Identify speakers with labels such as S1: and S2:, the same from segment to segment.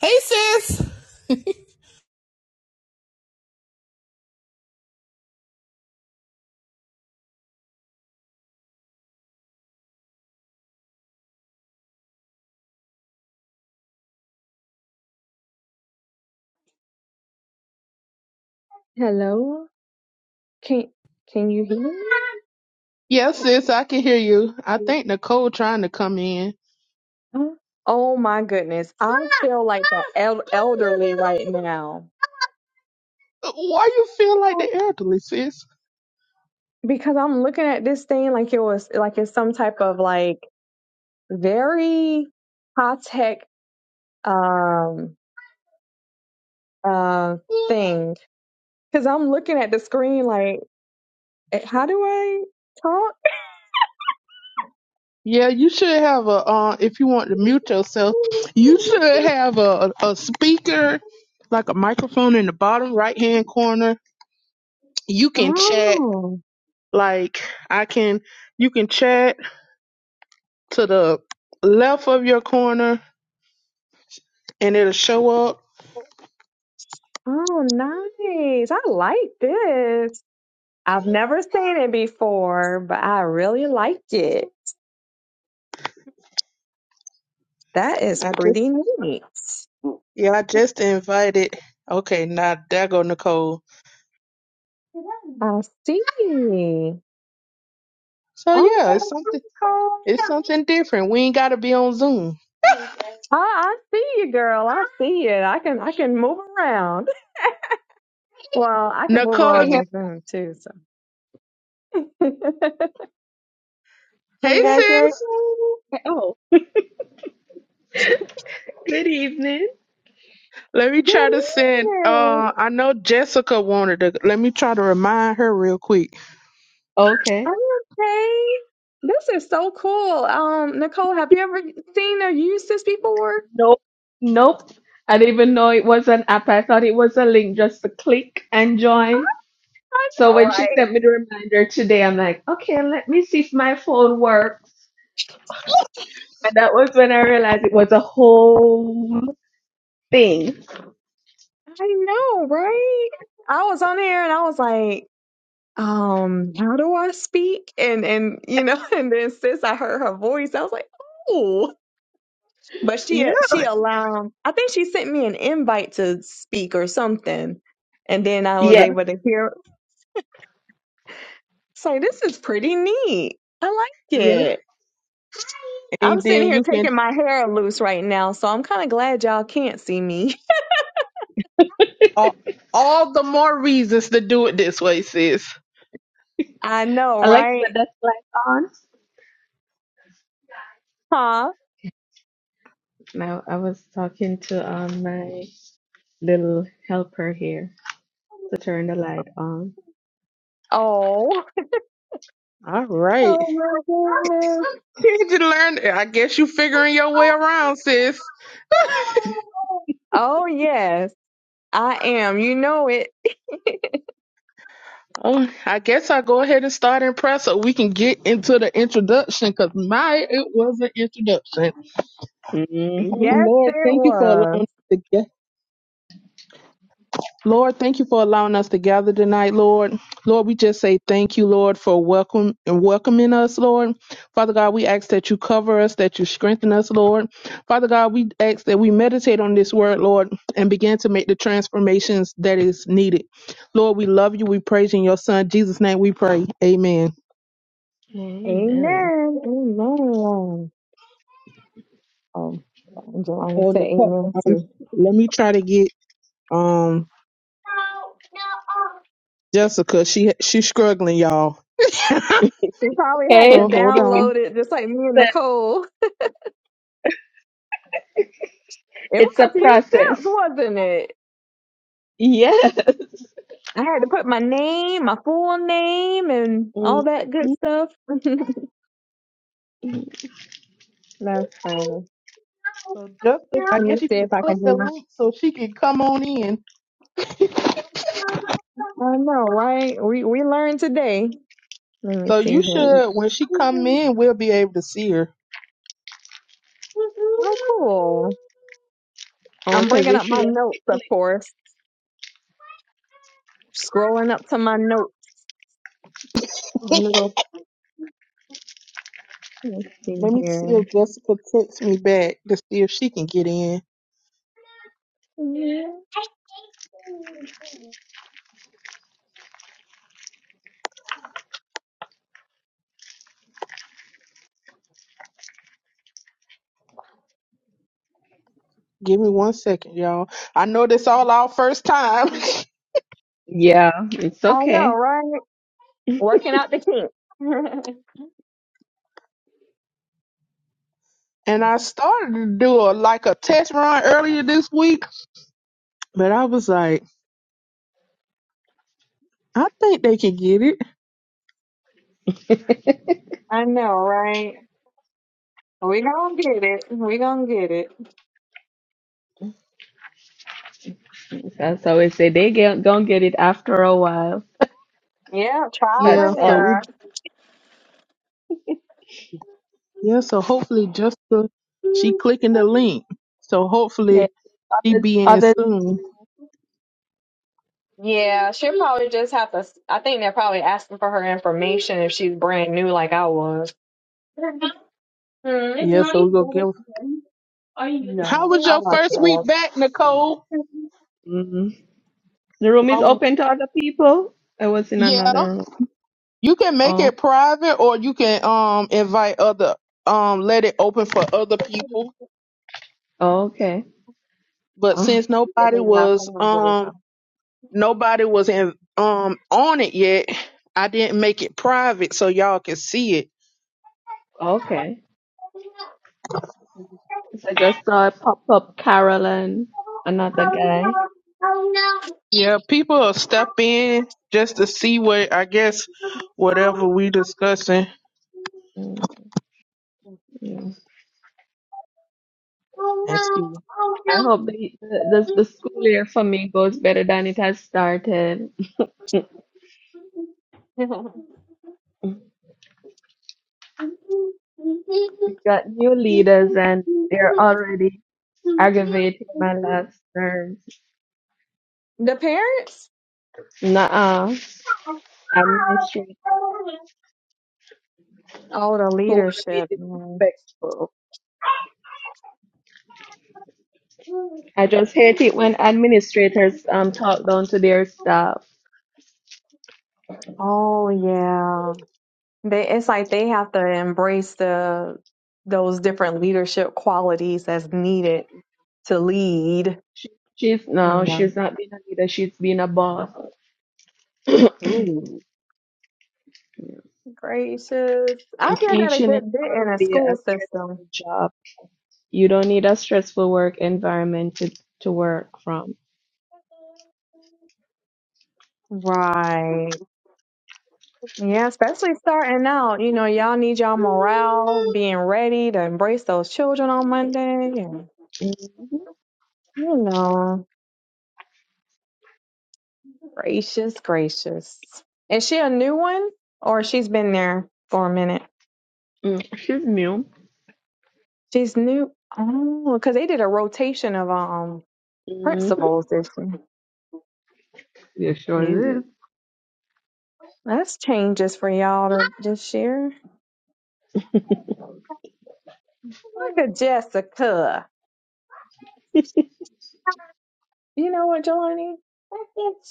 S1: Hey, sis.
S2: Hello? Can can you
S1: Yes, sis, I can hear you. I
S2: hear?
S1: think Nicole trying to come in.
S2: me? Oh my goodness. I feel like the el- elderly right now
S1: Uh, Why you feel like the elderly, sis?
S2: because I'm looking at this thing like it was like it's some type of like very high tech um uh thing because I'm looking at the screen like eh, how do I talk?
S1: Yeah, you should have a. Uh, if you want to mute yourself, you should have a a speaker, like a microphone in the bottom right hand corner. You can chat.
S2: Oh,
S1: Like I can, you can chat to the left of your corner, and it'll show up.
S2: oh, nice. I like this. I've never seen it before, but I really liked it. That is
S1: I just,
S2: pretty neat.
S1: yeah, I just invited. Okay, now there go Nicole.
S2: I see.
S1: So
S2: Oh,
S1: yeah, it's something. It's something different. We ain't gotta be on Zoom.
S2: I, I see you, girl. I see it. I can I can move around. Well, I can move
S1: Nicole,
S3: Can you
S1: if
S2: around
S3: hear?
S1: you,
S2: on
S3: me?
S2: Zoom too. So, hey,
S3: Are
S1: hey
S3: you guys here?
S2: babe.
S1: sis,
S3: Oh, Good evening.
S1: let me try
S2: good
S1: to send.
S2: evening.
S1: Uh, I know Jessica wanted to. Let me try to remind her real quick.
S3: okay.
S2: I'm okay. This is so cool. Um, Nicole, have you ever seen or used this before?
S3: Nope. Nope. I didn't even know it was an app. I thought it was a link just to click and join.
S2: I
S3: So
S2: know,
S3: when she
S2: right.
S3: sent me the reminder today, I'm like, okay, let me see if my phone works. And that was when I realized it was a whole thing.
S2: I know, right? I was on there and I was like, um, how do I speak? And and you know, and then since I heard her voice, I was like, oh. But she
S1: Yeah,
S2: uh, she allowed. I think she sent me an invite to speak or something, and then I was
S3: Yeah.
S1: yeah,
S2: able to hear. It's like this is pretty neat. I like
S1: yeah.
S2: it. I'm
S1: And
S2: sitting
S1: then
S2: here
S1: you can
S2: taking my hair loose right now, so I'm kind of glad y'all can't see me.
S1: all all the more reasons to do it this way, sis.
S2: I know,
S3: Alexa,
S2: right?
S3: that's light on.
S2: Huh?
S3: Now I was talking to um my little helper here to turn the light on.
S2: Oh.
S1: All right.
S2: Oh my goodness.
S1: Did you learn? I guess you figuring your way around, sis.
S2: Oh, yes, I am. You know it.
S1: Oh, I guess I'll go ahead and start in press so we can get into the introduction because my, it was an introduction.
S3: Mm-hmm.
S2: Yes,
S1: Lord,
S2: it
S1: thank you for allowing
S2: was.
S1: us to get Lord, thank you for allowing us to gather tonight, Lord. Lord, we just say thank you, Lord, for welcome and welcoming us, Lord. Father God, we ask that you cover us, that you strengthen us, Lord. Father God, we ask that we meditate on this word, Lord, and begin to make the transformations that is needed. Lord, we love you. We praise you in your son Jesus' name. We pray. Amen.
S3: Amen.
S2: Amen. Amen. Oh, Angelina
S1: On
S2: said
S1: the top,
S2: amen
S1: um,
S2: too.
S1: let me try to get um Jessica. She she's struggling, y'all.
S2: She probably had
S3: Okay,
S1: so
S2: to
S1: hold on.
S2: download it just like me and
S3: but
S2: Nicole. It was
S3: it's a
S2: a few
S3: process.
S2: steps, wasn't it?
S3: Yes.
S2: I had to put my name, my full name, and all
S3: Mhm.
S2: that good stuff. That's funny.
S1: So just, I
S2: Let me
S1: guess you
S2: see
S1: can
S2: if I
S1: click
S2: can do
S1: the
S2: my.
S1: link so she can come on in.
S2: I know, right? We we learned today. Let me
S1: So
S2: see
S1: you
S2: here.
S1: should, when she come in, we'll be able to see her.
S2: Oh, cool.
S3: Oh,
S2: I'm
S3: cause
S2: bringing
S3: it
S2: up my
S3: should.
S2: notes, of course. Scrolling up to my notes. A little let's see
S1: Let me see
S2: here.
S1: if Jessica texts me back to see if she can get in.
S2: I
S1: Give me one second, y'all. I know this all our first time,
S3: Yeah, it's
S2: know,
S3: okay.
S2: right? Working out the kinks.
S1: and I started to do a like a test run earlier this week, but I was like, I think they can get it.
S2: I know, right? We gonna get it. We gonna get it.
S3: That's always say they get gonna get it after a while.
S2: Yeah, trial
S1: Yeah,
S3: That's
S2: and
S1: so
S3: us.
S1: we
S2: error.
S1: Yeah, so hopefully Jessica, she clicking the link. So
S3: Yeah,
S1: hopefully she
S3: others,
S1: be in
S3: others.
S1: soon.
S2: Yeah, she'll probably just have to. I think they're probably asking for her information if she's brand new, like I was. Hmm.
S1: Yeah, so we gonna give. How was your
S2: I'll have
S1: first
S2: to
S1: week
S2: ask.
S1: back, Nicole?
S3: Mm. The room is
S1: While we,
S3: open to other people. I was in
S1: yeah,
S3: another room.
S1: you can make
S3: Oh,
S1: it private or you can um invite other um let it open for other people.
S3: oh, okay.
S1: But
S3: Oh,
S1: since
S3: it's
S1: nobody
S2: Maybe I'll
S1: was
S2: send them to
S1: um nobody was in um on it yet, I didn't make it private so y'all can see it.
S3: okay. So I just saw it pop up Carolyn, another guy.
S1: Yeah, people will step in just to see what I guess whatever we discussing
S3: Mm, yeah.
S1: and see.
S3: I hope the, the the school year for me goes better than it has started.
S2: this one.
S3: We got new leaders and they're already aggravating my last term.
S2: the parents?
S3: Nuh-uh. Administrators
S2: Oh, the
S3: who want to be
S2: leadership. Man.
S3: disrespectful. I just hate it when administrators um talk down to their staff.
S2: Oh yeah. They it's like they have to embrace the those different leadership qualities that's needed to lead.
S3: She, she's no,
S2: Yeah.
S3: she's not being a leader. She's being a boss.
S2: Ooh,
S3: Yeah.
S2: gracious. I
S3: And
S2: hear that a
S3: teaching is
S2: good bit in a
S3: already a
S2: school system.
S3: stressful job. You don't need a stressful work environment to to work from.
S2: Right. Yeah, especially starting out. You know, y'all need y'all being ready to embrace those children on Monday. Yeah.
S3: Mm-hmm.
S2: You know. Gracious, gracious. Is she a new one or she's been there for a minute?
S3: Mm, she's new.
S2: She's new. Oh, because they did a rotation of um
S3: Mm-hmm.
S2: principals this year.
S3: Yeah, sure is.
S2: Ooh. That's changes for y'all to- this year. Look at Jessica. You know what, Jelani?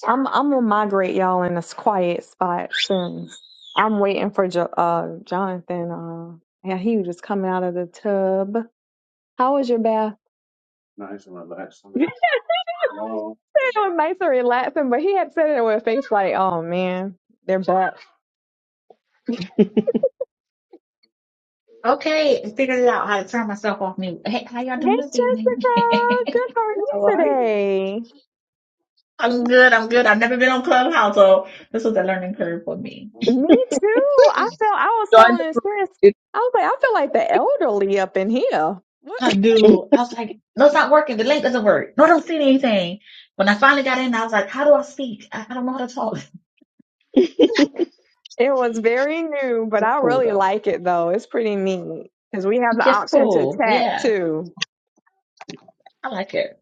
S2: I'm I'm gonna migrate y'all in this quiet spot soon. I'm waiting for jo- uh Jonathan. Uh, yeah, he was just coming out of the tub. How was your bath? it was nice and relaxing, but he had said it with a face like, "Oh man, they're back."
S4: Okay, I figured it out how to turn myself off mute. Hey, how y'all
S2: Hey,
S4: doing this evening?
S2: Jessica. Good how are you
S3: How are you?
S2: today.
S4: I'm good, I'm good. I've never been on Clubhouse, so this was a learning curve for me.
S2: Me too. I felt I was
S3: Join
S2: telling
S3: the group.
S2: Sis,
S3: It,
S2: I was like, I feel like the elderly up in here. What?
S4: I
S3: Mm,
S4: knew. I was like, no, it's not working. The link doesn't work. No, I don't see anything. When I finally got in, I was like, how do I speak? I, I don't know how to talk.
S2: It was very new, but
S4: It's
S2: I
S4: cool
S2: really
S4: though.
S2: like it though. It's pretty neat because we have
S4: It's
S2: the
S4: Just
S2: option to
S4: cool.
S2: chat
S4: Yeah,
S2: too.
S4: I like it.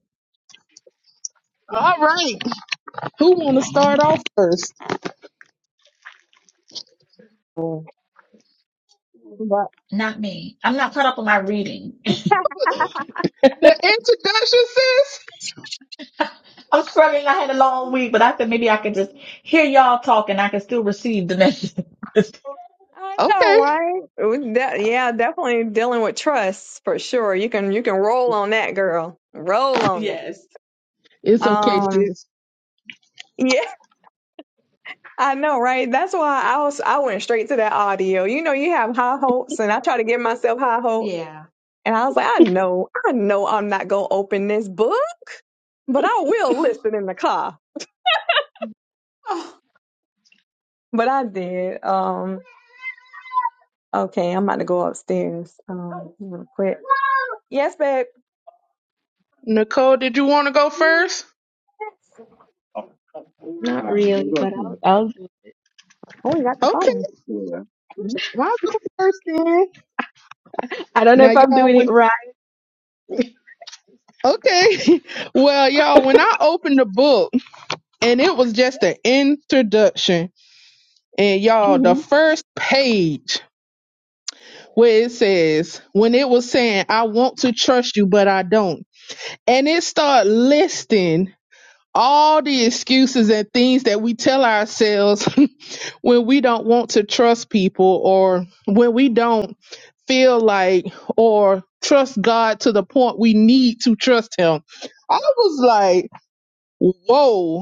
S1: All right, who want to start off
S4: Mm,
S1: first?
S2: But
S4: Not me. I'm not caught up on my reading.
S1: The introduction, sis.
S4: I'm struggling. I had a long week, but I said maybe I could just hear y'all talk and I can still receive the message.
S2: I know,
S1: Okay,
S2: right? It was de- yeah, definitely dealing with trust for sure. You can you can roll on that, girl. Roll on it.
S4: yes.
S1: it's okay,
S2: Um,
S1: sis.
S2: yeah. I know, right? That's why I was I went straight to that audio. You know, you have high hopes, and I try to give myself high hopes.
S4: Yeah.
S2: And I was like, I know, I know I'm not gonna open this book, but I will listen in the car.
S4: Oh,
S2: But I did. Um, okay, I'm about to go upstairs. Um, real quick. Yes, babe.
S1: Nicole, did you want to go first?
S2: Oh,
S3: Not
S2: fine. What
S3: really,
S2: about
S3: but I'll
S2: you
S3: I'll do
S2: Oh, you got the
S1: Okay,
S2: phone. Yeah.
S1: well, I'll go first then.
S3: it. I don't know
S1: Now,
S3: if I'm
S1: y'all,
S3: doing
S1: when
S3: it right.
S1: okay, well, y'all, when I opened the book and it was just an introduction, and y'all, the
S3: hmm
S1: first page. where it says when it was saying i want to trust you but i don't and it start listing all the excuses and things that we tell ourselves when we don't want to trust people or when we don't feel like or trust god to the point we need to trust him i was like whoa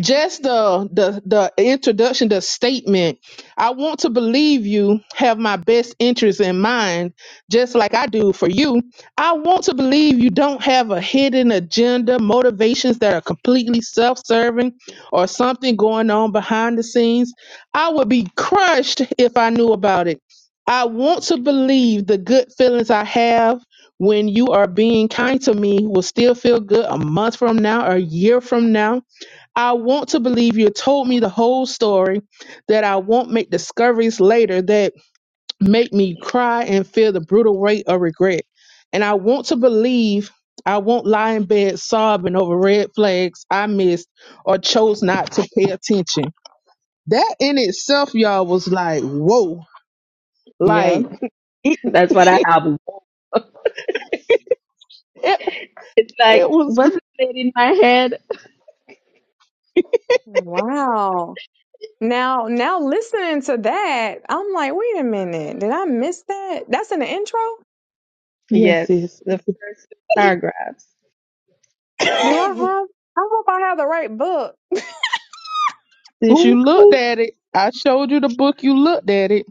S1: just the the the introduction the statement i want to believe you have my best interest in mind just like i do for you i want to believe you don't have a hidden agenda motivations that are completely self-serving or something going on behind the scenes i would be crushed if i knew about it i want to believe the good feelings i have when you are being kind to me will still feel good a month from now a year from now I want to believe you told me the whole story, that I won't make discoveries later that make me cry and feel the brutal weight of regret. And I want to believe I won't lie in bed sobbing over red flags I missed or chose not to pay attention. That in itself, y'all, was like, whoa.
S3: Yeah,
S1: Like, it,
S3: that's what I have.
S1: it,
S3: It's
S1: it
S3: like
S1: was,
S3: what's it said in my head?
S2: Wow. Now, now listening to that, I'm like, wait a minute, did I miss that? That's in the intro?
S1: yes,
S3: Yes,
S1: sis.
S3: the first two paragraphs.
S2: Do I have? I hope I have the right book.
S1: Since you looked
S3: Ooh.
S1: at it, I showed you the book, you looked at it.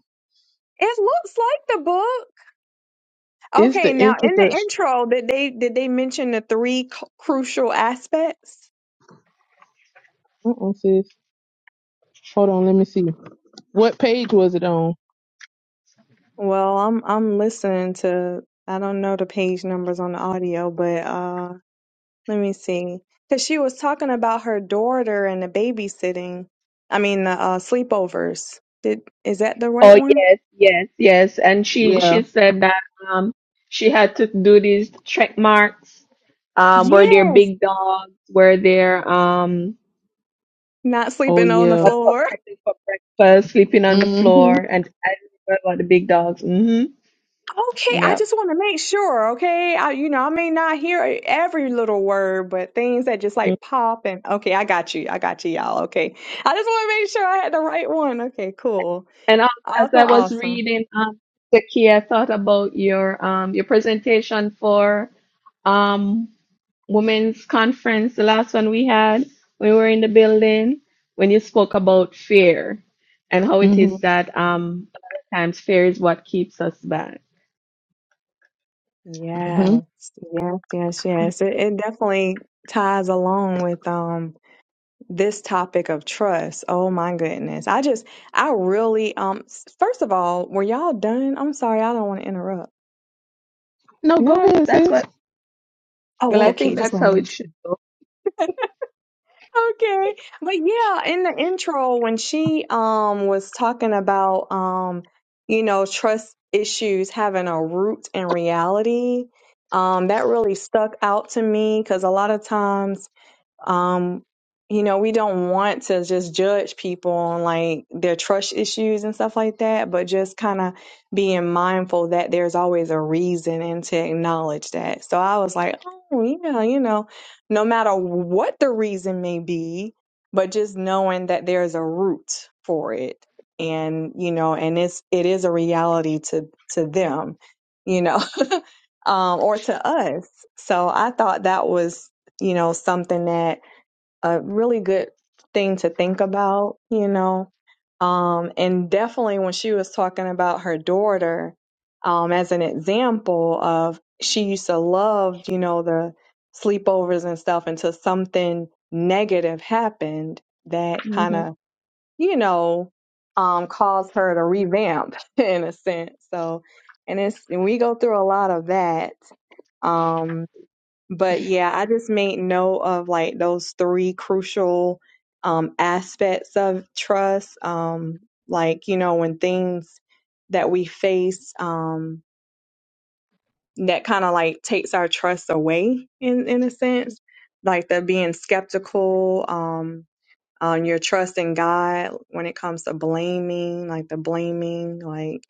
S2: It looks like the book.
S1: It's
S2: Okay,
S1: the
S2: now in the
S1: introduction.
S2: intro, did they did they mention the three c- crucial aspects?
S1: Mm-mm, sis. Hold on, let me see. What page was it on?
S2: Well, I'm I'm listening to. I don't know the page numbers on the audio, but uh, let me see. Because she was talking about her daughter and the babysitting. I mean, the uh, sleepovers. Did is that the right
S3: Oh
S2: one?
S3: yes, yes, yes. And she
S1: Yeah.
S3: she said that um she had to do these check marks. Um, were there
S2: Yes.
S3: big dogs? Were there um?
S2: Not
S1: Oh
S2: sleeping on the
S1: yeah.
S3: What's up?
S2: floor.
S3: Something for breakfast, sleeping on the
S1: Mhm.
S3: floor, and I remember about the big dogs. hmm
S2: Okay, I
S3: Yeah.
S2: just want to make sure. Okay, I, you know, I may not hear every little word, but things that just
S3: Mm.
S2: like pop and okay, I got you, I got you, y'all. Okay, I just want to make sure I had the right one. Okay, cool,
S3: And also, as
S2: awesome,
S3: I was
S2: awesome.
S3: reading, um, the key, I thought about your um your presentation for um women's conference, the last one we had when we were in the building, when you spoke about fear and how it is
S1: Mhm.
S3: that um a lot of times fear is what keeps us back.
S2: Yes,
S1: Mhm.
S2: yes, yes, yes. It, it definitely ties along with um this topic of trust. Oh my goodness, I just, I really um. s- First of all, were y'all done? I'm sorry, I don't want to interrupt.
S1: No, go
S3: No,
S1: ahead,
S3: that's
S1: sis.
S3: what. Well,
S2: Oh,
S3: I think
S2: okay, just
S3: that's
S2: one.
S3: how
S2: minute.
S3: it should.
S2: Okay. But yeah, in the intro when she um was talking about um you know trust issues having a root in reality, um that really stuck out to me cuz a lot of times um you know we don't want to just judge people on like their trust issues and stuff like that but just kind of being mindful that there's always a reason and to acknowledge that so i was like oh yeah you know no matter what the reason may be but just knowing that there's a root for it and you know and it's it is a reality to to them you know um or to us so i thought that was you know something that a really good thing to think about, you know. Um, and definitely when she was talking about her daughter, um, as an example of she used to love, you know, the sleepovers and stuff until something negative happened that kind
S3: hmm
S2: of, you know, um, caused her to revamp in a sense. So, and it's, and we go through a lot of that. Um, but yeah, I just made note of like those three crucial um, aspects of trust. Um, like, you know, when things that we face um, that kind of like takes our trust away in, in a sense, like the being skeptical, um, on your trust in God when it comes to blaming, like the blaming, like,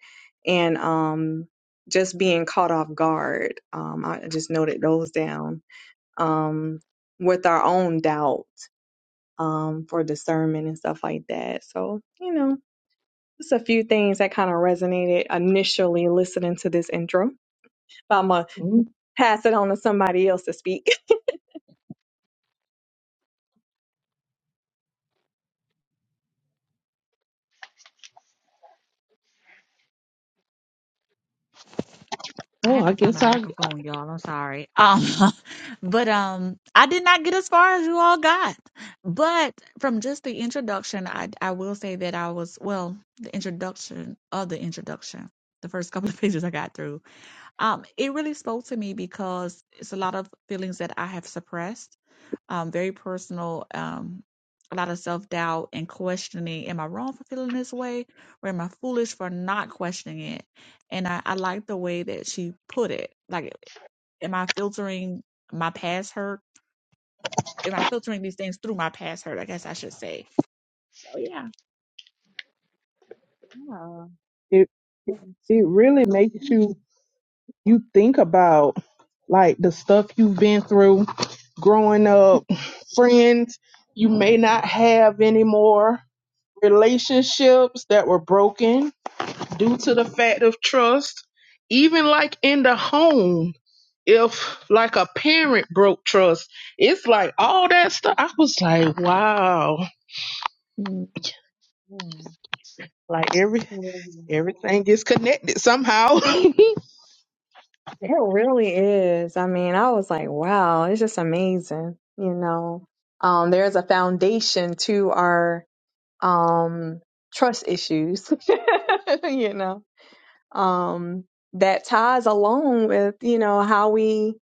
S2: and um, just being caught off guard. Um, I just noted those down um, with our own doubt um, for discernment and stuff like that. So, you know, just a few things that kind of resonated initially listening to this intro. But I'm going to
S1: Mm,
S2: pass it on to somebody else to speak.
S4: I
S1: Oh,
S4: had
S1: I
S4: to find a
S1: guess I.
S4: microphone, y'all. I'm sorry. Um, but um, I did not get as far as you all got. But from just the introduction, I I will say that I was well, the introduction of the introduction, the first couple of pages I got through. Um, it really spoke to me because it's a lot of feelings that I have suppressed um, very personal, um, a lot of self doubt and questioning. Am I wrong for feeling this way, or am I foolish for not questioning it? And I, I like the way that she put it. Like, am I filtering my past hurt? Am I filtering these things through my past hurt? I guess I should say. So yeah.
S2: Yeah.
S1: It
S2: it's
S1: it
S2: so
S1: really
S2: true.
S1: makes you you think about like the stuff you've been through, growing up, friends you may not have anymore, relationships that were broken due to the fact of trust, even like in the home if like a parent broke trust, it's like all that stuff. I was like, wow, like every everything is connected somehow.
S2: It really is. I mean, I was like, wow, it's just amazing. You know, um, there's a foundation to our um, trust issues. you know. um, that ties along with you know how we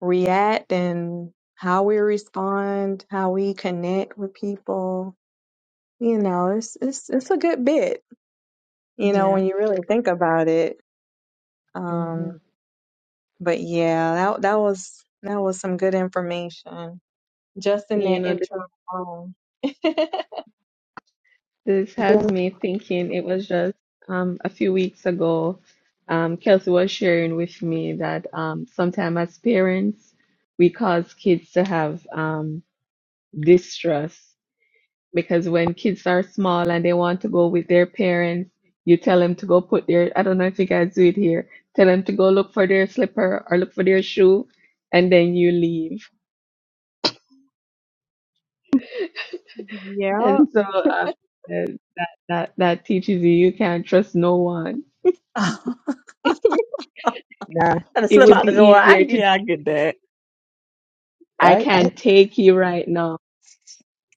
S2: react and how we respond, how we connect with people. You know, it's it's it's a good bit. You know,
S3: Yeah.
S2: when you really think about it.
S3: Mm-hmm.
S2: Um, but yeah, that that was that was some good information just in
S3: You
S2: that
S3: know, this,
S2: intro alone.
S3: this has me thinking it was just um, a few weeks ago. Um, Kelsey was sharing with me that um, sometimes as parents, we cause kids to have um, distrust because when kids are small and they want to go with their parents, you tell them to go put their, I don't know if you guys do it here, tell them to go look for their slipper or look for their shoe, and then you leave. And
S2: yeah,
S3: so um, uh, that, that, that teaches you you can't trust no one
S1: nah,
S4: Gotta
S3: it
S4: slip
S3: would
S4: out
S3: be
S4: the door.
S3: easier
S4: I,
S3: to just
S4: yeah, I get
S3: say,
S4: that.
S3: I
S1: I, I
S3: can't take you right now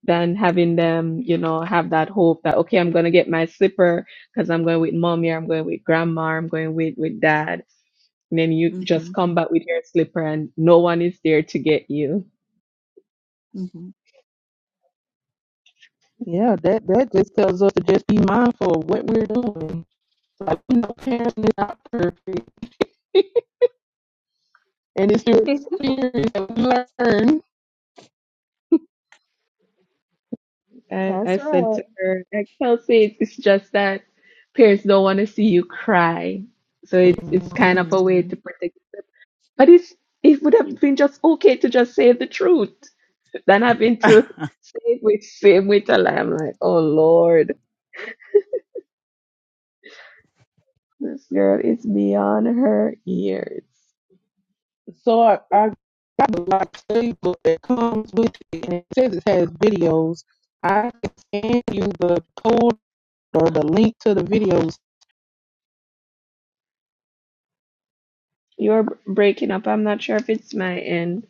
S3: than having them, you know, have that hope that, okay, I'm going to get my slipper because I'm going with mommy or I'm going with grandma or I'm going with, with dad. And then you just
S4: Mm-hmm.
S3: come back with your slipper and no one is there to get you.
S4: Mm-hmm.
S1: yeah, that that just tells us to just be mindful of what we're doing. Like we know parenting is not perfect, and it's through experience that we learn.
S3: I, I
S2: that's
S3: said
S2: right.
S3: to her, like, Kelsey, it's, it's just that parents don't want to see you cry. So it's it's kind
S1: Mhm.
S3: of a way
S4: Mm-hmm.
S3: to protect. But it's it would have been just okay to just say the truth. Then I've been to same with same with a lie. I'm like, oh Lord, this girl is beyond her years.
S1: So I, I got a lot of playbook that comes with it, and it says it has videos. I can send you the code or the link to the videos. was
S3: You're b- breaking up. I'm not sure if it's my end.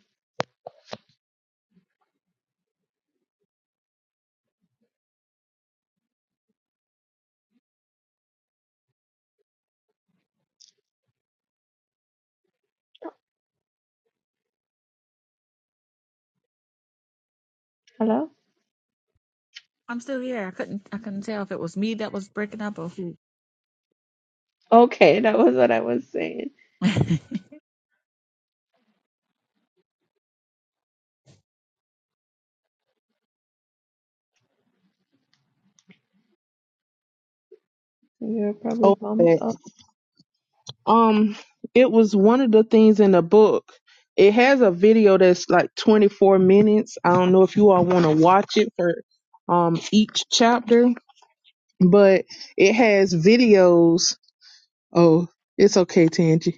S3: Hello?
S4: I'm still here. I couldn't. I couldn't tell if it was me that was breaking up or who.
S3: Okay, that was what I was saying.
S4: I
S3: You're probably
S1: over
S3: bumped
S1: at,
S3: up.
S1: um it was one of the things in the book it has a video that's like 24 minutes i don't know if you all want to watch it for um each chapter but it has videos oh it's okay tangie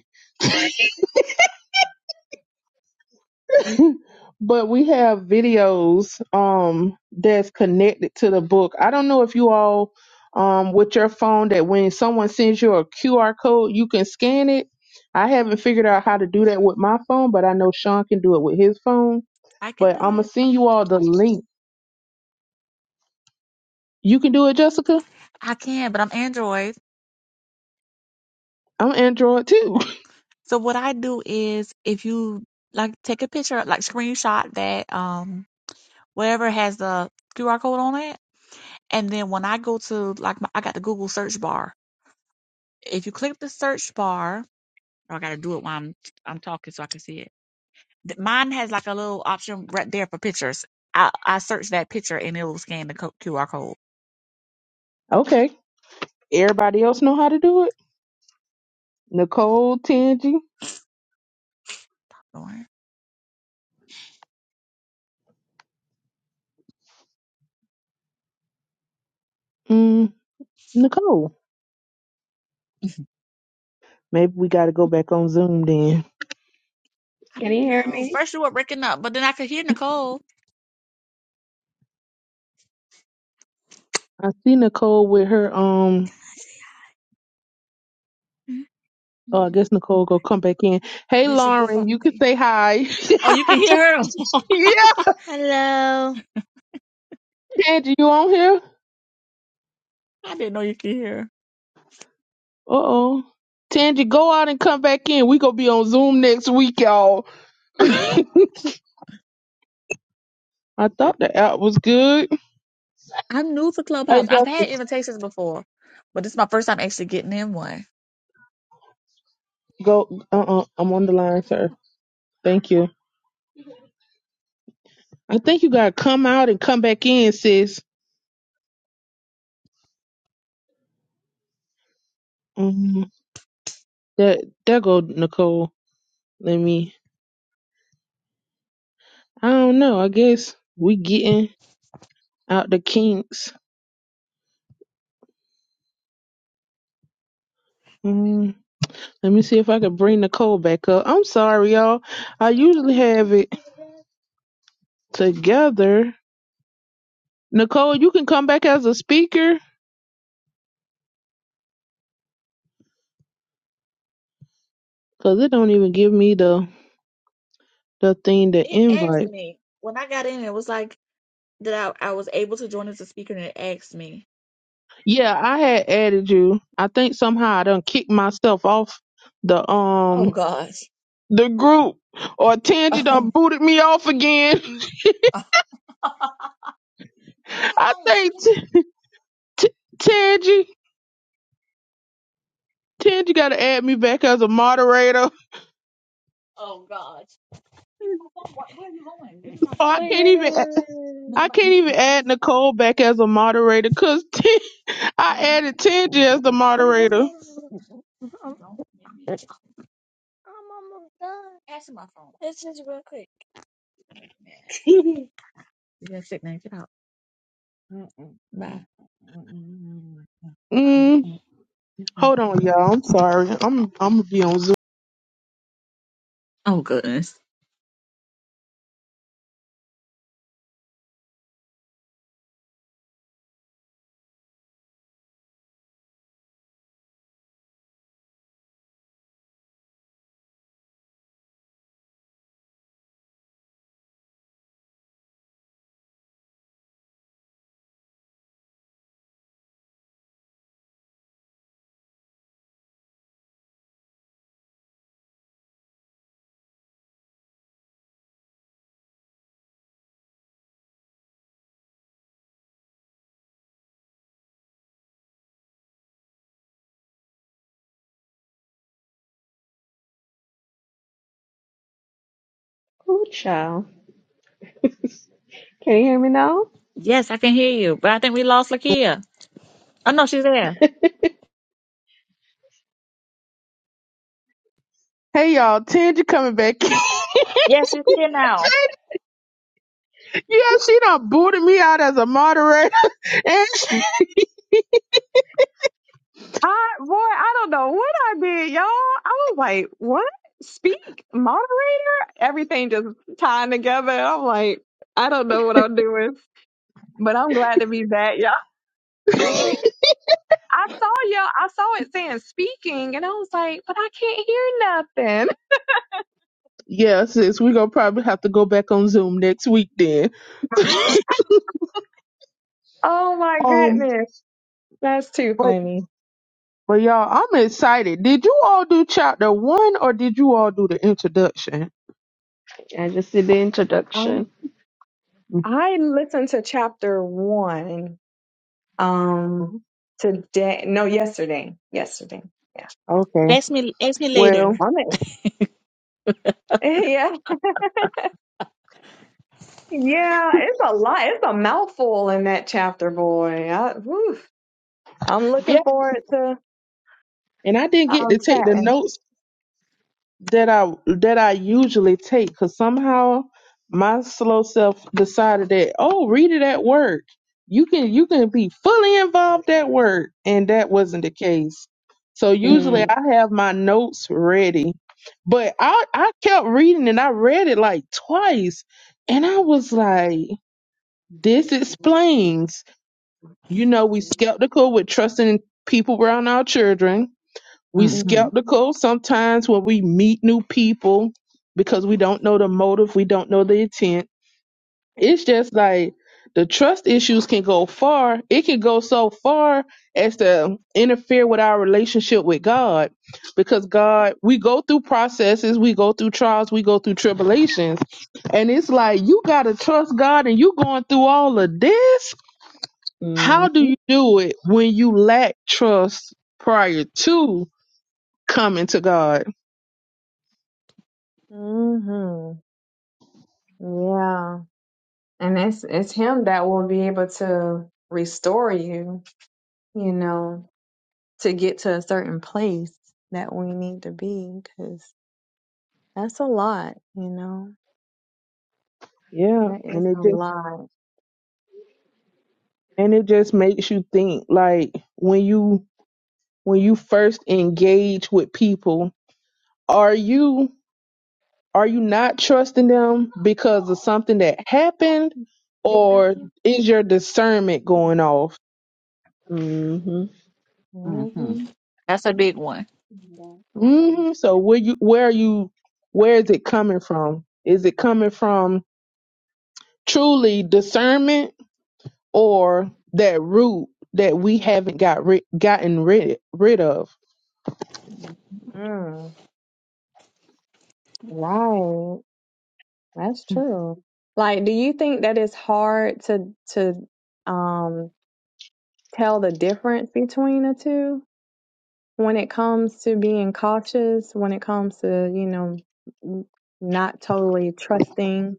S1: but we have videos um that's connected to the book. I don't know if you all um with your phone that when someone sends you a QR code, you can scan it. I haven't figured out how to do that with my phone, but I know Sean can do it with his phone.
S4: can
S1: But I'm
S4: do
S1: gonna
S4: it.
S1: send you all the link. You can do it, Jessica.
S4: I can, but I'm Android.
S1: I'm Android too.
S4: So what I do is if you like take a picture, like screenshot that um whatever has the QR code on it, and then when I go to like my, I got the Google search bar. If you click the search bar, oh, I gotta do it while I'm I'm talking so I can see it. Th- Mine has like a little option right there for pictures. I I search that picture and it'll scan the co- QR code.
S1: okay. Everybody else know how to do it? Nicole, Tangi,
S4: Alright.
S1: mm, Nicole. Maybe we got to go back on Zoom then.
S4: I
S3: Can
S4: don't
S3: you hear
S4: know.
S3: me?
S4: First you were breaking up, but then I could hear Nicole.
S1: I see Nicole with her um Oh, I
S4: Mhm.
S1: guess Nicole go come back in. Hey,
S4: Yeah, she broke
S1: Lauren,
S4: up.
S1: you could say hi.
S4: Oh, you can hear her.
S1: yeah,
S4: Hello.
S1: Tangie, you on here?
S4: I didn't know you could hear.
S1: Uh oh. Tangie, go out and come back in. We gonna be on Zoom next week, y'all. I thought the app was good.
S4: I'm new to Clubhouse.
S1: Hey,
S4: I've had
S1: Justice,
S4: invitations before, but this is my first time actually getting in one.
S1: go. Uh uh-uh, uh, i am on the line, sir. Thank you. I think you gotta come out and come back in, sis. Um, that there go Nicole. Let me. I don't know. I guess we getting out the kinks. Mm-hmm. Let me see if I can bring Nicole back up. I'm sorry, y'all. I usually have it together. Nicole, you can come back as a speaker because it don't even give me the the thing to
S4: It asked
S1: invite.
S4: me when I got in. It was like that I, I was able to join as a speaker, and it asked me.
S1: Yeah, I had added you. I think somehow I done kicked myself off the
S4: Oh
S1: um
S4: gosh.
S1: the group or Tangy done
S4: Oh.
S1: booted me off again.
S4: Give me my
S1: I
S4: phone,
S1: think
S4: silly.
S1: t- t- Tangy Tangy got to add me back as a moderator.
S4: Oh gosh. Give me my phone. Where, where are you going? Give me my
S1: Oh,
S4: phone.
S1: I can't even
S4: wait. Make
S1: I
S4: my
S1: can't
S4: make me
S1: even
S4: mad now.
S1: add Nicole back as a moderator because
S4: No,
S1: I
S4: no,
S1: added Tangi as
S4: no.
S1: the moderator.
S4: Don't make me. Pass me my phone, man. You got a sick name. Get out.
S1: Mm, hold on, y'all. I'm sorry. I'm I'm gonna be on Zoom.
S4: Oh goodness.
S3: Oh child. Can you hear me now?
S4: Yes, I can hear you, but I think we lost Lakia. Oh no, she's there.
S1: Hey, y'all. Tangi coming back.
S4: Yes, she's here now.
S1: yeah, she done booted me out as a moderator. And she...
S2: I boy, I don't know what I did, y'all. I was like, what? Speak, moderator? Everything just tying together. I'm like, I don't know what I'm doing. But I'm glad to be back, y'all. I saw y'all, I saw it saying speaking, and I was like, but I can't hear nothing.
S1: yeah, sis, we gonna probably have to go back on Zoom next week then.
S2: Oh my
S1: Um,
S2: goodness. That's too
S1: but
S2: funny.
S1: but y'all, I'm excited. Did you all do chapter one or did you all do the introduction?
S3: I just did the introduction.
S2: Um,
S1: Mhm.
S2: I listened to chapter one um today. No, yesterday. Yesterday. Yeah.
S1: Okay.
S4: Ask me, ask me later.
S1: Well,
S2: I'm in. Yeah. Yeah, it's a lot. It's a mouthful in that chapter, boy. I, whew. I'm
S1: yeah.
S2: looking forward to
S1: and I didn't get
S2: um,
S1: to take the
S2: chatting.
S1: notes that I that I usually take because somehow my slow self decided that oh read it at work you can you can be fully involved at work and that wasn't the case so usually
S3: Mm,
S1: I have my notes ready but I I kept reading and I read it like twice and I was like this explains you know we skeptical with trusting people around our children we
S3: mm-hmm,
S4: Mm-hmm.
S1: skeptical sometimes when we meet new people because we don't know the motive, we don't know the intent. It's just like the trust issues can go far. It can go so far as to interfere with our relationship with God because God, we go through processes, we go through trials, we go through tribulations. And it's like you got to trust God and you going through all of this. How do
S3: mm-hmm,
S1: you do it when you lack trust prior to coming to God?
S2: Mm-hmm. Yeah. And it's it's him that will be able to restore you, you know, to get to a certain place that we need to be, because that's a lot, you know.
S1: Yeah,
S2: That is
S1: and it
S2: a
S1: just
S2: lot.
S1: and it just makes you think like when you when you first engage with people, are you are you not trusting them because of something that happened
S2: Big
S1: or
S2: vacuum.
S1: is your discernment going off?
S3: mm-hmm,
S4: hmm
S2: Mhm.
S4: That's a big one.
S2: That one.
S1: hmm So where you where are you where is it coming from? Is it coming from truly discernment or that root that we haven't got rid, gotten rid rid of?
S2: Mm, right. That's true. Like, do you think that it's hard to to um tell the difference between the two? when it comes to being cautious, when it comes to, you know, n- not totally trusting,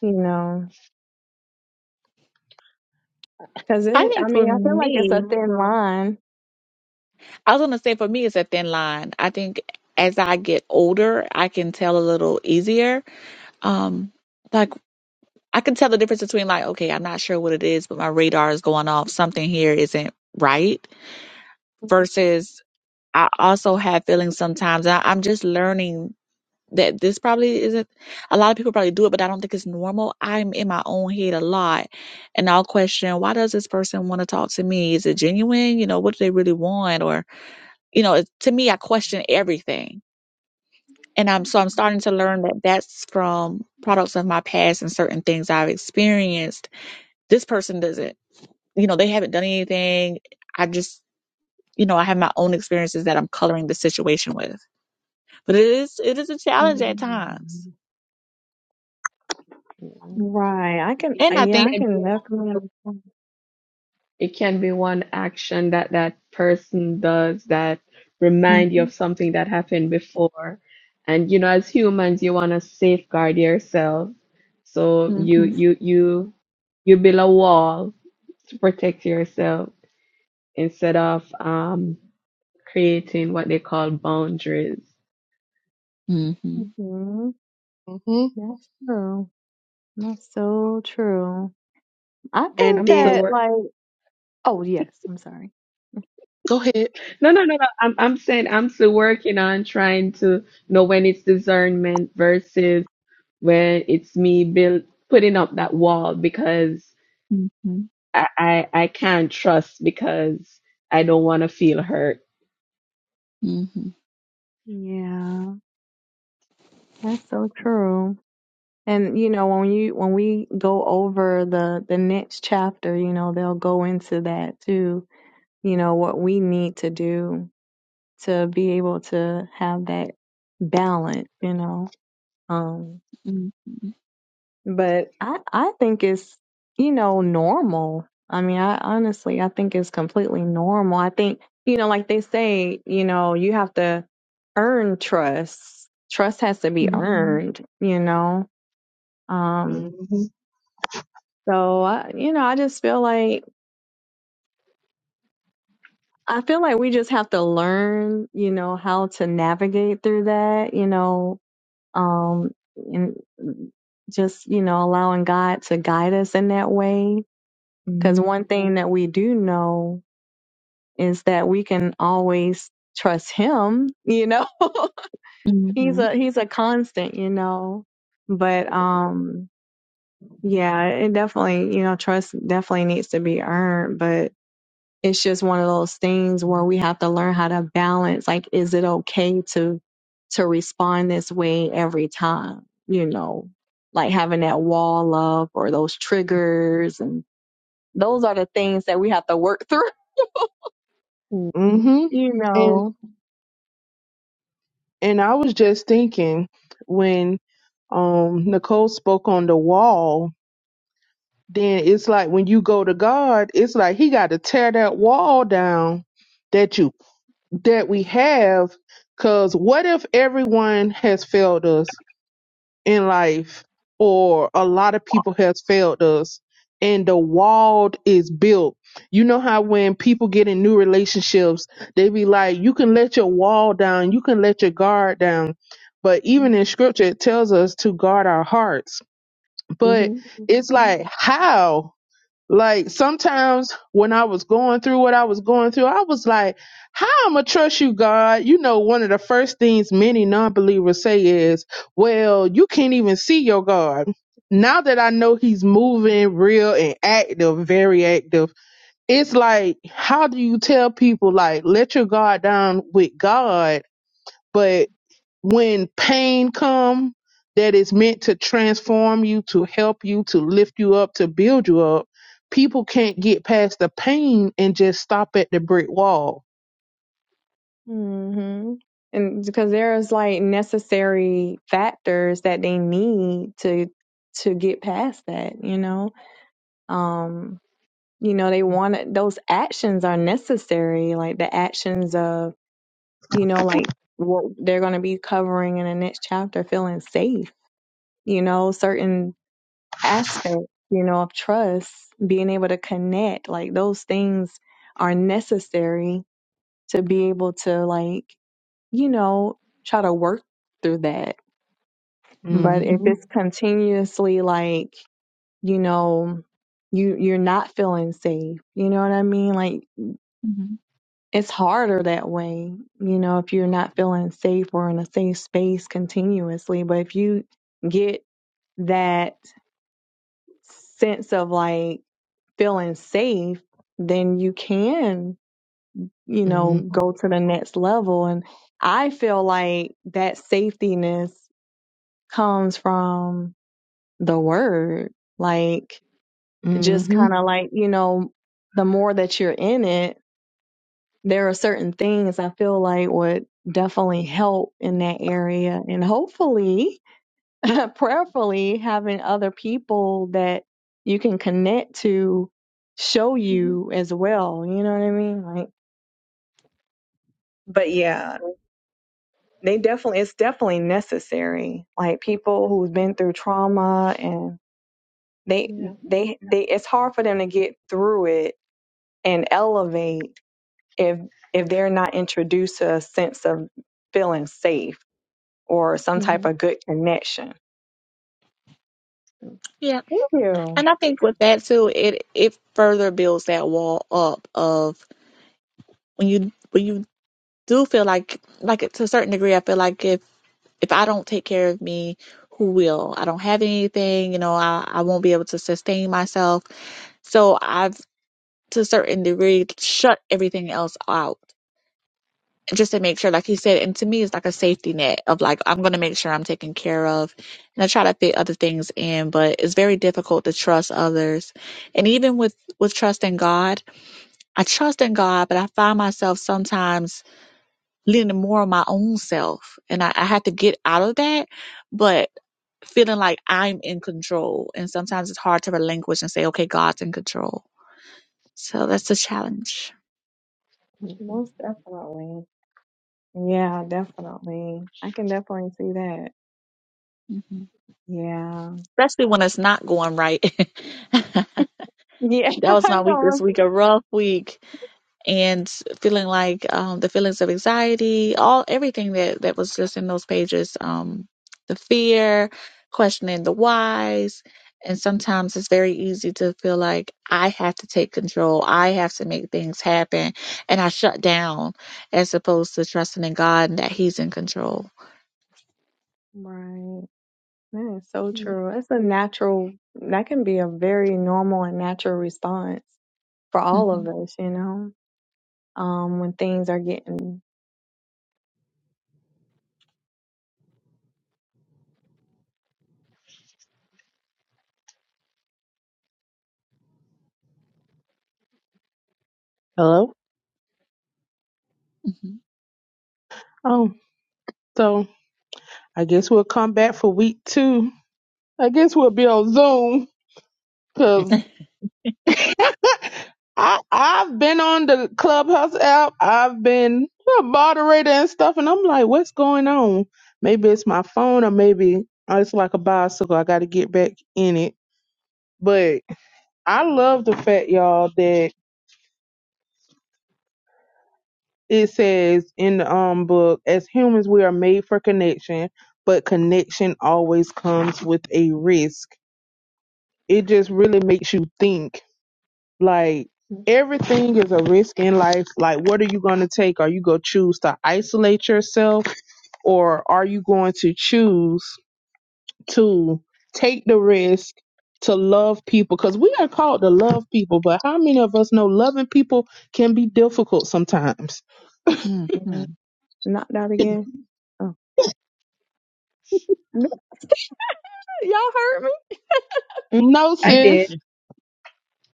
S2: you know, because
S4: I
S2: it, I
S4: think for
S2: mean, I feel like it's a
S4: me,
S2: thin line.
S4: I was gonna say for me it's a thin line. I think as I get older, I can tell a little easier. Um, like I can tell the difference between like, okay, I'm not sure what it is, but my radar is going off. Something here isn't right.
S3: mm-hmm.
S4: versus I also have feelings sometimes. I, I'm just learning that this probably isn't a lot of people probably do it, but I don't think it's normal. I'm in my own head a lot and I'll question why does this person want to talk to me? Is it genuine? You know, what do they really want? Or, you know, it, to me, I question everything. And I'm so I'm starting to learn that that's from products of my past and certain things I've experienced. This person doesn't, you know, they haven't done anything. I just, you know, I have my own experiences that I'm coloring the situation with. But it is it is a challenge
S3: Mm-hmm.
S4: at times.
S2: Mhm.
S3: Yeah.
S2: Right. I can, uh,
S4: And
S3: It,
S4: I
S2: yeah,
S3: it
S4: think
S2: I
S3: can be
S2: can definitely
S3: one.
S2: understand.
S3: It can be one action that that person does that
S4: Mhm,
S3: remind you of something that happened before. And you know, as humans, you want to safeguard yourself. So
S4: mhm,
S3: you you you you build a wall to protect yourself instead of um creating what they call boundaries.
S4: mhm,
S2: Mhm.
S1: hmm
S2: That's true. That's so true. I
S1: And
S2: think
S3: I'm
S1: then
S3: still
S2: that,
S3: work.
S2: like, Oh, yes, I'm sorry. Mm,
S1: go ahead.
S3: No, no, no, no. I'm I'm
S2: mm.
S3: saying I'm still working on trying to know when it's discernment versus where it's me build putting up that wall because
S4: mhm, mhm,
S3: I I, I can't trust because I don't want to feel hurt.
S4: mhm,
S2: Yeah, that's so true. And you know, when you when we go over the the next chapter, you know, they'll go into that too, you know, what we need to do to be able to have that balance, you know. um,
S4: mhm,
S2: But I, I think it's, you know, normal. I mean, I honestly, I think it's completely normal. I think, you know, like they say, you know, you have to earn trust. Trust has to be
S4: mhm,
S2: earned, you know? Um,
S1: Mhm.
S2: so I, you know, I just feel like, I feel like we just have to learn, you know, how to navigate through that, you know, um, and just, you know, allowing God to guide us in that way Because
S1: Mhm.
S2: one thing that we do know is that we can always trust him, you know. he's
S4: mhm,
S2: a he's a constant, you know. But um yeah, it definitely, you know, trust definitely needs to be earned, but it's just one of those things where we have to learn how to balance like is it okay to to respond this way every time, you know, like having that wall up or those triggers and those are the things that we have to work through
S3: Mm-hmm.
S1: Mhm.
S2: you
S1: And
S2: know
S1: and I was just thinking when um Nicole spoke on the wall then it's like when you go to God, it's like He got to tear that wall down that you that we have. Because what if everyone has failed us in life, or a lot of people has failed us, and the wall is built? You know how when people get in new relationships, they be like, "You can let your wall down, you can let your guard down." But even in Scripture, it tells us to guard our hearts. But
S3: Mm-hmm.
S1: it's like, how? Like sometimes when I was going through what I was going through, I was like, How am gonna trust you, God? You know, one of the first things many non believers say is, Well, you can't even see your God. Now that I know he's moving real and active, very active, it's like, how do you tell people like let your guard down with God, but when pain come that is meant to transform you to help you to lift you up to build you up people can't get past the pain and just stop at the brick wall
S2: hmm and because there's like necessary factors that they need to to get past that you know um you know they want those actions are necessary like the actions of you know like what they're going to be covering in the next chapter feeling safe you know certain aspects you know of trust being able to connect like those things are necessary to be able to like you know, try to work through that. But if
S4: mhm,
S1: Mm-hmm.
S2: it's continuously like, you know, you you're not feeling safe, you know what I mean? Like
S4: mhm.
S2: it's harder that way, you know, if you're not feeling safe or in a safe space continuously. But if you get that sense of like feeling safe, then you can, you know, go to the next level. And I feel like that safetiness comes from the word. Like, just
S1: Mm-hmm.
S2: kind of like, you know, the more that you're in it, there are certain things I feel like would definitely help in that area. And hopefully, prayerfully, having other people that you can connect to show
S3: hmm
S2: you as well. You know what I mean? Like, but yeah, they definitely, it's definitely necessary. Like, people who've been through trauma and they,
S3: Yeah.
S2: they, they, it's hard for them to get through it and elevate if if they're not introduced to a sense of feeling safe or some type
S3: hmm
S2: of good connection.
S4: Yeah.
S2: Thank you.
S4: And I think with that too, it it further builds that wall up of when you when you do feel like like to a certain degree, I feel like if if I don't take care of me, who will? I don't have anything, you know, I, I won't be able to sustain myself. So I've to a certain degree shut everything else out just to make sure like you said and to me it's like a safety net of like i'm going to make sure i'm taken care of and i try to fit other things in but it's very difficult to trust others and even with with trusting god i trust in god but i find myself sometimes leaning more on my own self and i, I have to get out of that but feeling like i'm in control and sometimes it's hard to relinquish and say okay god's in control so that's a challenge
S2: Most definitely. Yeah, definitely. I can definitely see that.
S4: Mm-hmm.
S2: Yeah.
S4: especially when it's not going right. that
S2: Yeah,
S4: was
S2: I
S4: my
S2: know.
S4: week this
S2: Right.
S4: week, a rough week, and feeling like um, the feelings of anxiety, all everything that that was just in those pages, um, the fear, questioning the whys. And sometimes it's very easy to feel like I have to take control. I have to make things happen. And I shut down as opposed to trusting in God and that He's in control.
S2: Right. That is so true. It's a natural, that can be a very normal and natural response for
S4: hmm
S2: all of us, you know, um, when things are getting
S1: Hello? Oh, so I guess we'll come back for week two. I guess we'll be on Zoom 'cause I I've been on the Clubhouse app. I've been a moderator and stuff, and I'm like, what's going on? Maybe it's my phone, or maybe uh, it's like a bicycle. I got to get back in it. But I love the fact, y'all, that it says in the um book, as humans, we are made for connection, but connection always comes with a risk. It just really makes you think Like everything is a risk in life. Like what are you going to take? Are you going to choose to isolate yourself or are you going to choose to take the risk to love people cuz we are called to love people, but how many of us know loving people can be difficult sometimes?
S4: hmm hmm
S3: Mhm.
S2: knocked out again. Oh, y'all heard me?
S3: mm
S1: No
S3: I
S1: sis.
S3: did.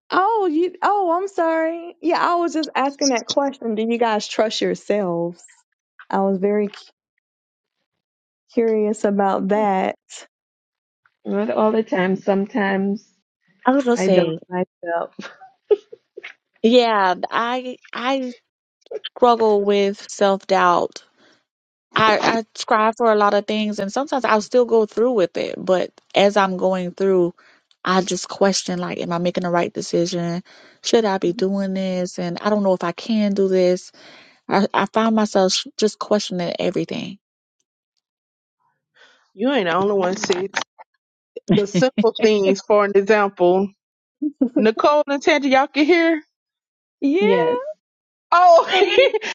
S2: Oh, you. Oh, I'm sorry. Yeah, I was just asking that question. Do you guys trust yourselves? I was very cu- curious about that.
S3: Not all the time. Sometimes
S4: I was gonna
S3: I don't
S4: say,
S3: myself.
S4: yeah, I I struggle with self doubt I, I strive for a lot of things and sometimes I'll still go through with it, but as I'm going through, I just question like, am I making the right decision? Should I be doing this? And I don't know if I can do this. I, I find myself sh- just questioning everything.
S1: You ain't the only one, sis. The simple things, for an example, Nicole and Tangy, y'all can hear.
S2: Yeah.
S3: Yes.
S1: Oh,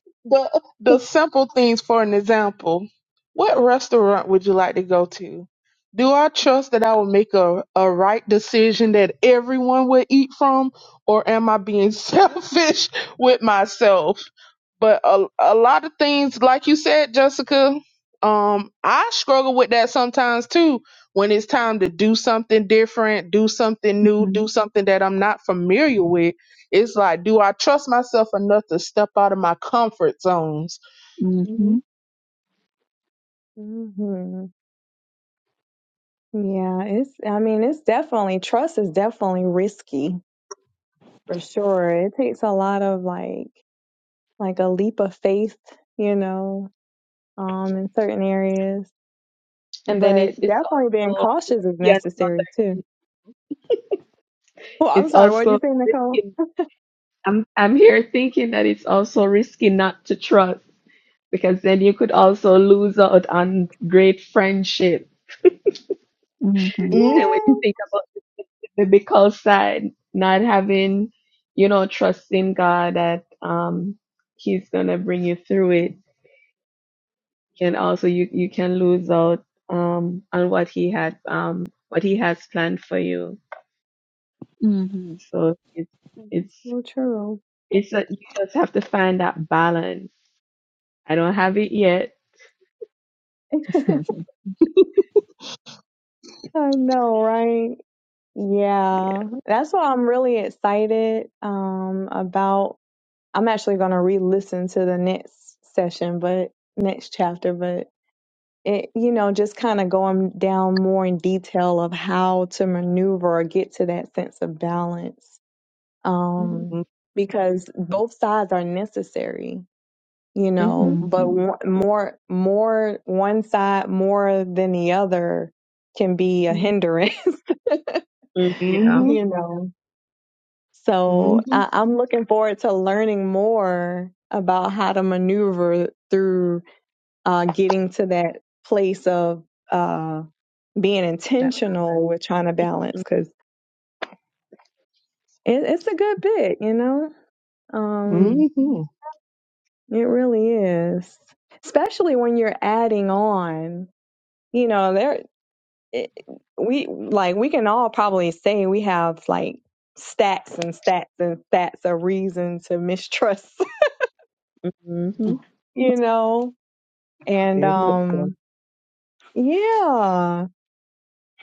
S1: the the simple things for an example. What restaurant would you like to go to? Do I trust that I will make a, a right decision that everyone will eat from, or am I being selfish with myself? But a, a lot of things, like you said, Jessica, um, I struggle with that sometimes too. When it's time to do something different, do something new,
S4: Mm-hmm.
S1: do something that I'm not familiar with it's like, do I trust myself enough to step out of my comfort zones?
S3: hmm
S4: Mm-hmm.
S2: hmm Yeah. It's. I mean, it's definitely trust is definitely risky for sure. It takes a lot of like like a leap of faith, you know, um, in certain areas.
S3: And then
S2: But
S3: it's it's
S2: definitely being
S3: also
S2: cautious is
S3: yeah, the other
S2: necessary too.
S3: end.
S2: Well, I'm
S3: it's
S2: sorry. What did
S3: also
S2: you say, Nicole?
S3: risking. I'm I'm here thinking that it's also risky not to trust because then you could also lose out on great friendship.
S4: hmm
S2: Yeah.
S1: Mm-hmm.
S3: And when you think about the biblical side, not having, you know, trusting God that um, He's gonna bring you through it, can also you you can lose out um, on what He had um, what He has planned for you.
S4: hmm
S3: So it's it's
S2: So true.
S3: it's a, you just have to find that balance. I don't have it yet.
S2: I know, right?
S3: Yeah.
S2: Yeah. That's why I'm really excited um about I'm actually going to re-listen to the next session, but next chapter, but it you know, just kind of going down more in detail of how to maneuver or get to that sense of balance.
S3: Mm-hmm.
S2: Um because both sides are necessary, you
S3: Mm-hmm.
S2: know,
S4: hmm
S2: but one- more more one side more than the other can be a hindrance
S3: Mm-hmm. Yeah.
S1: Mm-hmm.
S2: you know. So
S1: Mm-hmm.
S2: I, I'm looking forward to learning more about how to maneuver through uh, getting to that place of uh, being
S3: That.
S2: intentional with trying to balance because it, it's a good bit, you know.
S3: Mm-hmm.
S2: Um,
S4: hmm
S1: Mm-hmm.
S2: it really is, especially when you're adding on. You know, there it, we like we can all probably say we have like stats and stats and stats of reason to mistrust
S3: Mm-hmm.
S2: you know? And
S1: Very much so.
S2: um yeah.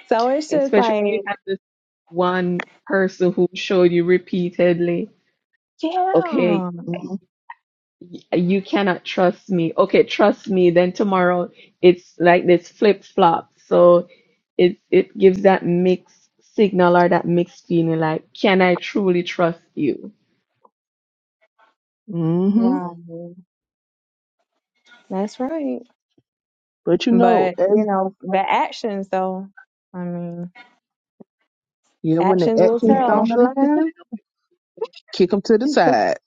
S2: So it's just
S3: especially
S2: like,
S3: when you have this one person who showed you repeatedly, okay,
S2: yeah.
S1: Mm-hmm.
S3: y- you cannot trust me. Okay, trust me. Then tomorrow it's like this flip flop. So it it gives that mixed signal or that mixed feeling like, can I truly trust you?
S1: Mm-hmm.
S2: Wow. That's right.
S1: But you know,
S2: But, you
S1: as
S2: know, the actions though, I mean,
S1: yeah, when
S2: actions
S1: the
S2: will
S1: action's
S3: Yeah,
S1: on
S2: tell.
S1: the
S3: actually.
S1: line, kick them to the side.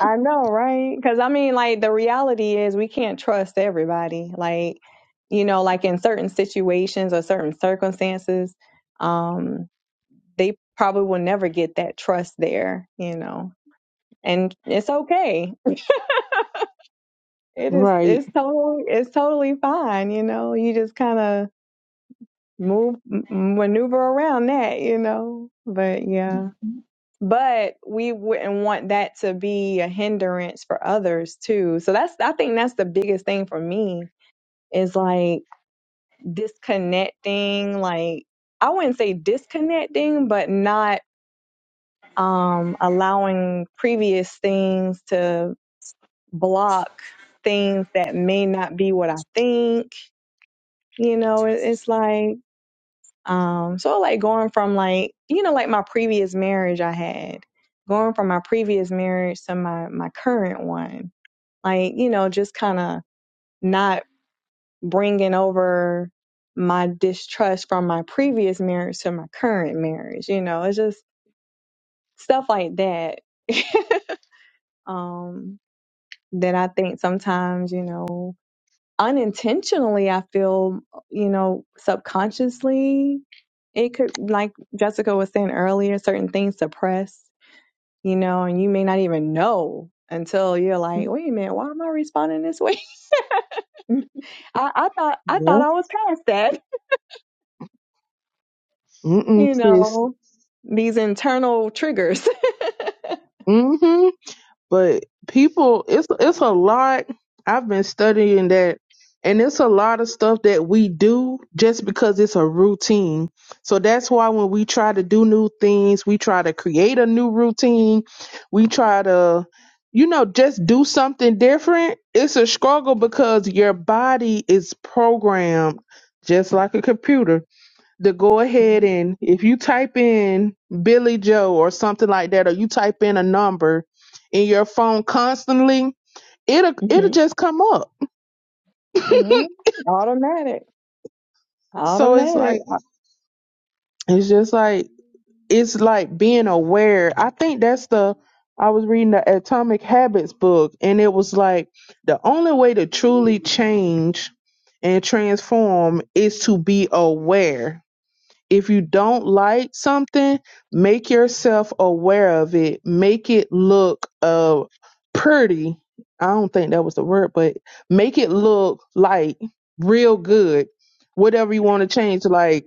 S2: I know, right? Cuz I mean, like the reality is we can't trust everybody. Like, you know, like in certain situations or certain circumstances, um they probably will never get that trust there, you know. And it's okay It is.
S1: right.
S2: It's totally. It's totally fine. You know, you just kind of move, m- maneuver around that. You know, but yeah. But we wouldn't want that to be a hindrance for others too. So that's. I think that's the biggest thing for me is like disconnecting. Like I wouldn't say disconnecting, but not um allowing previous things to block things that may not be what I think You know, it, it's like, um, so like going from like, you know, like my previous marriage I had, going from my previous marriage to my, my current one, like, you know, just kind of not bringing over my distrust from my previous marriage to my current marriage, you know, it's just stuff like that. um, that I think sometimes, you know, unintentionally i feel you know subconsciously it could like jessica was saying earlier certain things suppress you know and you may not even know until you're like wait a minute why am i responding this way
S3: Mm-hmm.
S2: i, I thought i thought
S1: Yeah.
S2: i was past that
S1: Mm-mm,
S2: you
S1: sis.
S2: know these internal triggers
S1: Mm-hmm. but people it's it's a lot i've been studying that and it's a lot of stuff that we do just because it's a routine so that's why when we try to do new things we try to create a new routine we try to you know just do something different it's a struggle because your body is programmed just like a computer to go ahead
S3: Mm-hmm.
S1: and if you type in Billy Joe or something like that, or you type in a number in your phone constantly, it'll it'll
S3: Mm-hmm.
S1: just come up.
S2: hmm automatic
S1: So it's
S2: automatic
S1: like it's just like it's like being aware. I think that's the I was reading the Atomic Habits book, and it was like the only way to truly change and transform is to be aware If you don't like something, make yourself aware of it. Make it look uh pretty. I don't think that was the word, but make it look like real good. Whatever you want to change, like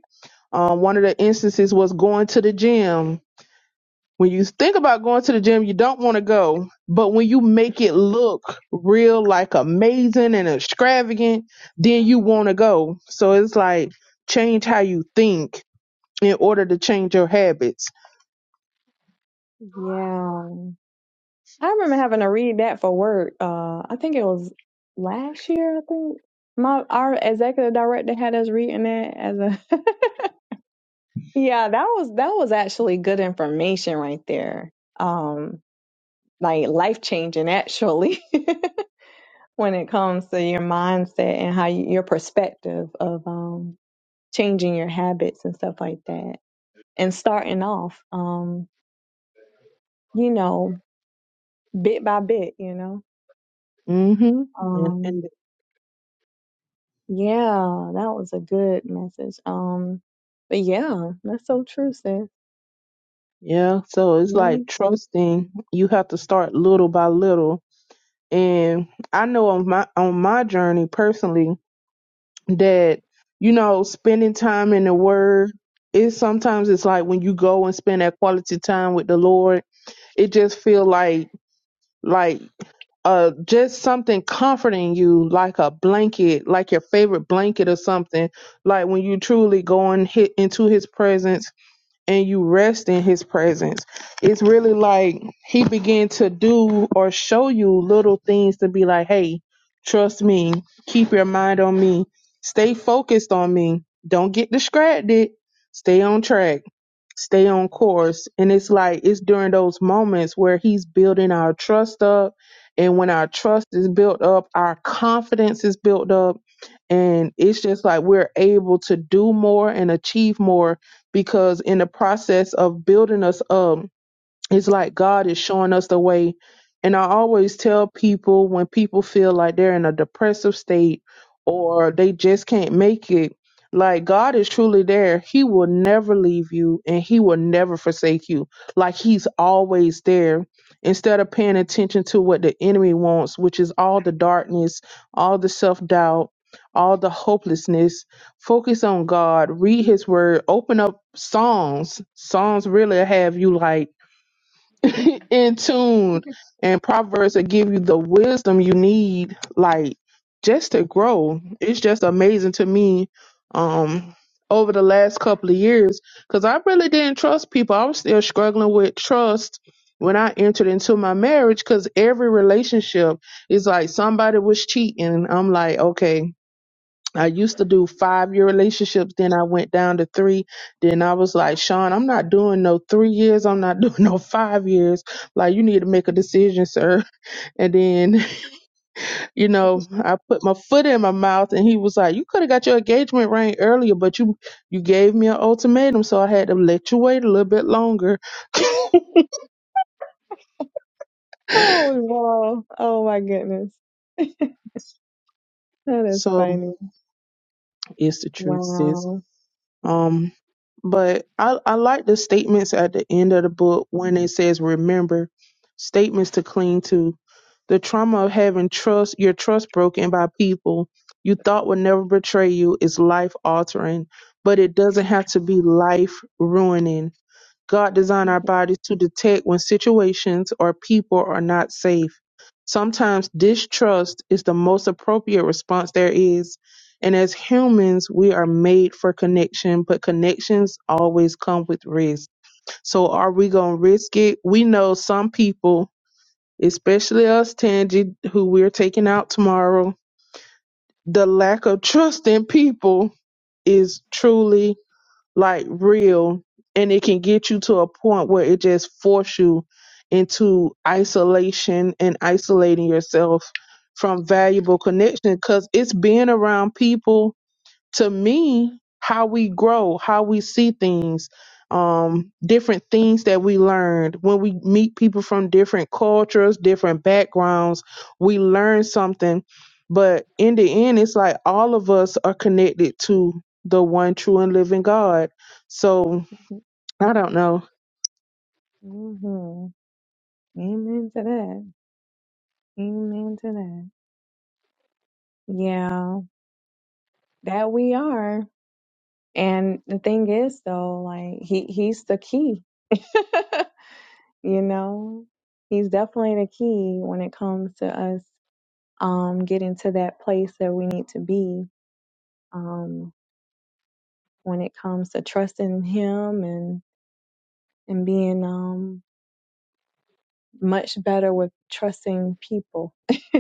S1: um, one of the instances was going to the gym. When you think about going to the gym, you don't want to go, but when you make it look real, like amazing and extravagant, then you want to go. So it's like change how you think in order to change your habits.
S2: yeah I remember having to read that for work. Uh, I think it was last year. I think my our executive director had us reading that as a. yeah, that was that was actually good information right there. Um, like life changing actually when it comes to your mindset and how you, your perspective of um changing your habits and stuff like that and starting off um you know bit by bit you know
S1: hmm And,
S2: um.
S1: and
S2: Yeah, that was a good message. Um, but yeah, that's so true, sis.
S1: yeah, so it's
S2: Yeah.
S1: like trusting. You have to start little by little. And I know on my on my journey personally that you know spending time in the Word is sometimes it's like when you go and spend that quality time with the Lord, it just feel like like uh just something comforting you like a blanket like your favorite blanket or something like when you truly go and hit into his presence and you rest in his presence. It's really like he began to do or show you little things to be like, hey, trust me, keep your mind on me, stay focused on me, don't get distracted, stay on track stay on course. And it's like it's during those moments where he's building our trust up. And when our trust is built up, our confidence is built up. And it's just like we're able to do more and achieve more because in the process of building us up, it's like God is showing us the way. And I always tell people when people feel like they're in a depressive state or they just can't make it, like God is truly there. He will never leave you and He will never forsake you. Like He's always there. Instead of paying attention to what the enemy wants, which is all the darkness, all the self doubt, all the hopelessness, focus on God, read His word, open up Psalms. Psalms really have you like in tune and proverbs that give you the wisdom you need like just to grow it's just amazing to me um over the last couple of years because i really didn't trust people i was still struggling with trust when i entered into my marriage because every relationship is like somebody was cheating i'm like okay I used to do five year relationships, then I went down to three. Then I was like, Sean, I'm not doing no three years. I'm not doing no five years. Like, you need to make a decision, sir. And then, you know, I put my foot in my mouth and he was like, You could have got your engagement ring earlier, but you you gave me an ultimatum, so I had to let you wait a little bit longer.
S2: Oh, wow. Oh my goodness. That is
S1: so
S2: funny.
S1: it's the truth, sis.
S2: Wow.
S1: Um, but I, I like the statements at the end of the book when it says, remember, statements to cling to. The trauma of having trust, your trust broken by people you thought would never betray you is life altering, but it doesn't have to be life ruining. God designed our bodies to detect when situations or people are not safe. Sometimes distrust is the most appropriate response there is. And as humans, we are made for connection, but connections always come with risk. So are we going to risk it? We know some people, especially us, Tangi, who we're taking out tomorrow, the lack of trust in people is truly like real and it can get you to a point where it just force you into isolation and isolating yourself from valuable connection because it's being around people to me, how we grow, how we see things, um, different things that we learned when we meet people from different cultures, different backgrounds, we learn something. But in the end, it's like all of us are connected to the one true and living God. So I don't know.
S2: hmm Amen to that. Amen to that. Yeah, that we are. And the thing is, though, like he he's the key. you know he's definitely the key when it comes to us um getting to that place that we need to be um when it comes to trusting him and and being um much better with trusting people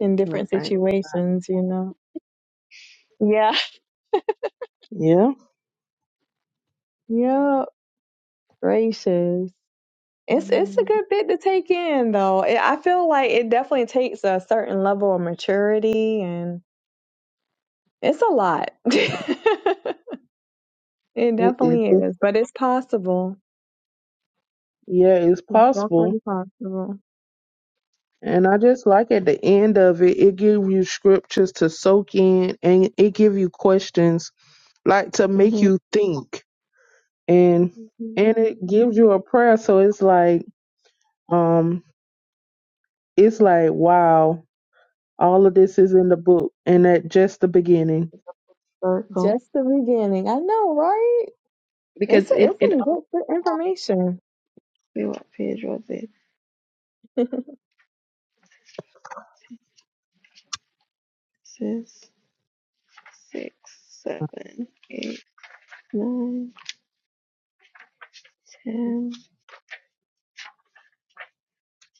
S2: in
S3: Mm-hmm. No
S2: different
S3: fine.
S2: situations you know yeah
S1: Yeah,
S2: yeah gracious it's it's a
S3: Mm-hmm.
S2: good bit to take in though It- i feel like it definitely takes a certain level of maturity and it's a lot It
S1: it, it,
S2: definitely
S1: it
S2: is, but it's possible.
S1: yeah, it's
S2: It's
S1: possible.
S2: definitely possible.
S1: And I just like at the end of it, it gives you scriptures to soak in and it give you questions like to make
S3: Mm-hmm.
S1: you think and and
S2: Mhm.
S1: it gives you a prayer so it's like um it's like wow all of this is in the book and at just the beginning
S3: Circle.
S2: Just the beginning. I know, right? It's
S3: Because
S2: a,
S3: it
S2: it's
S3: it
S2: some
S3: also
S2: good, good information.
S3: what page was it? This is six, seven, eight. nine, ten,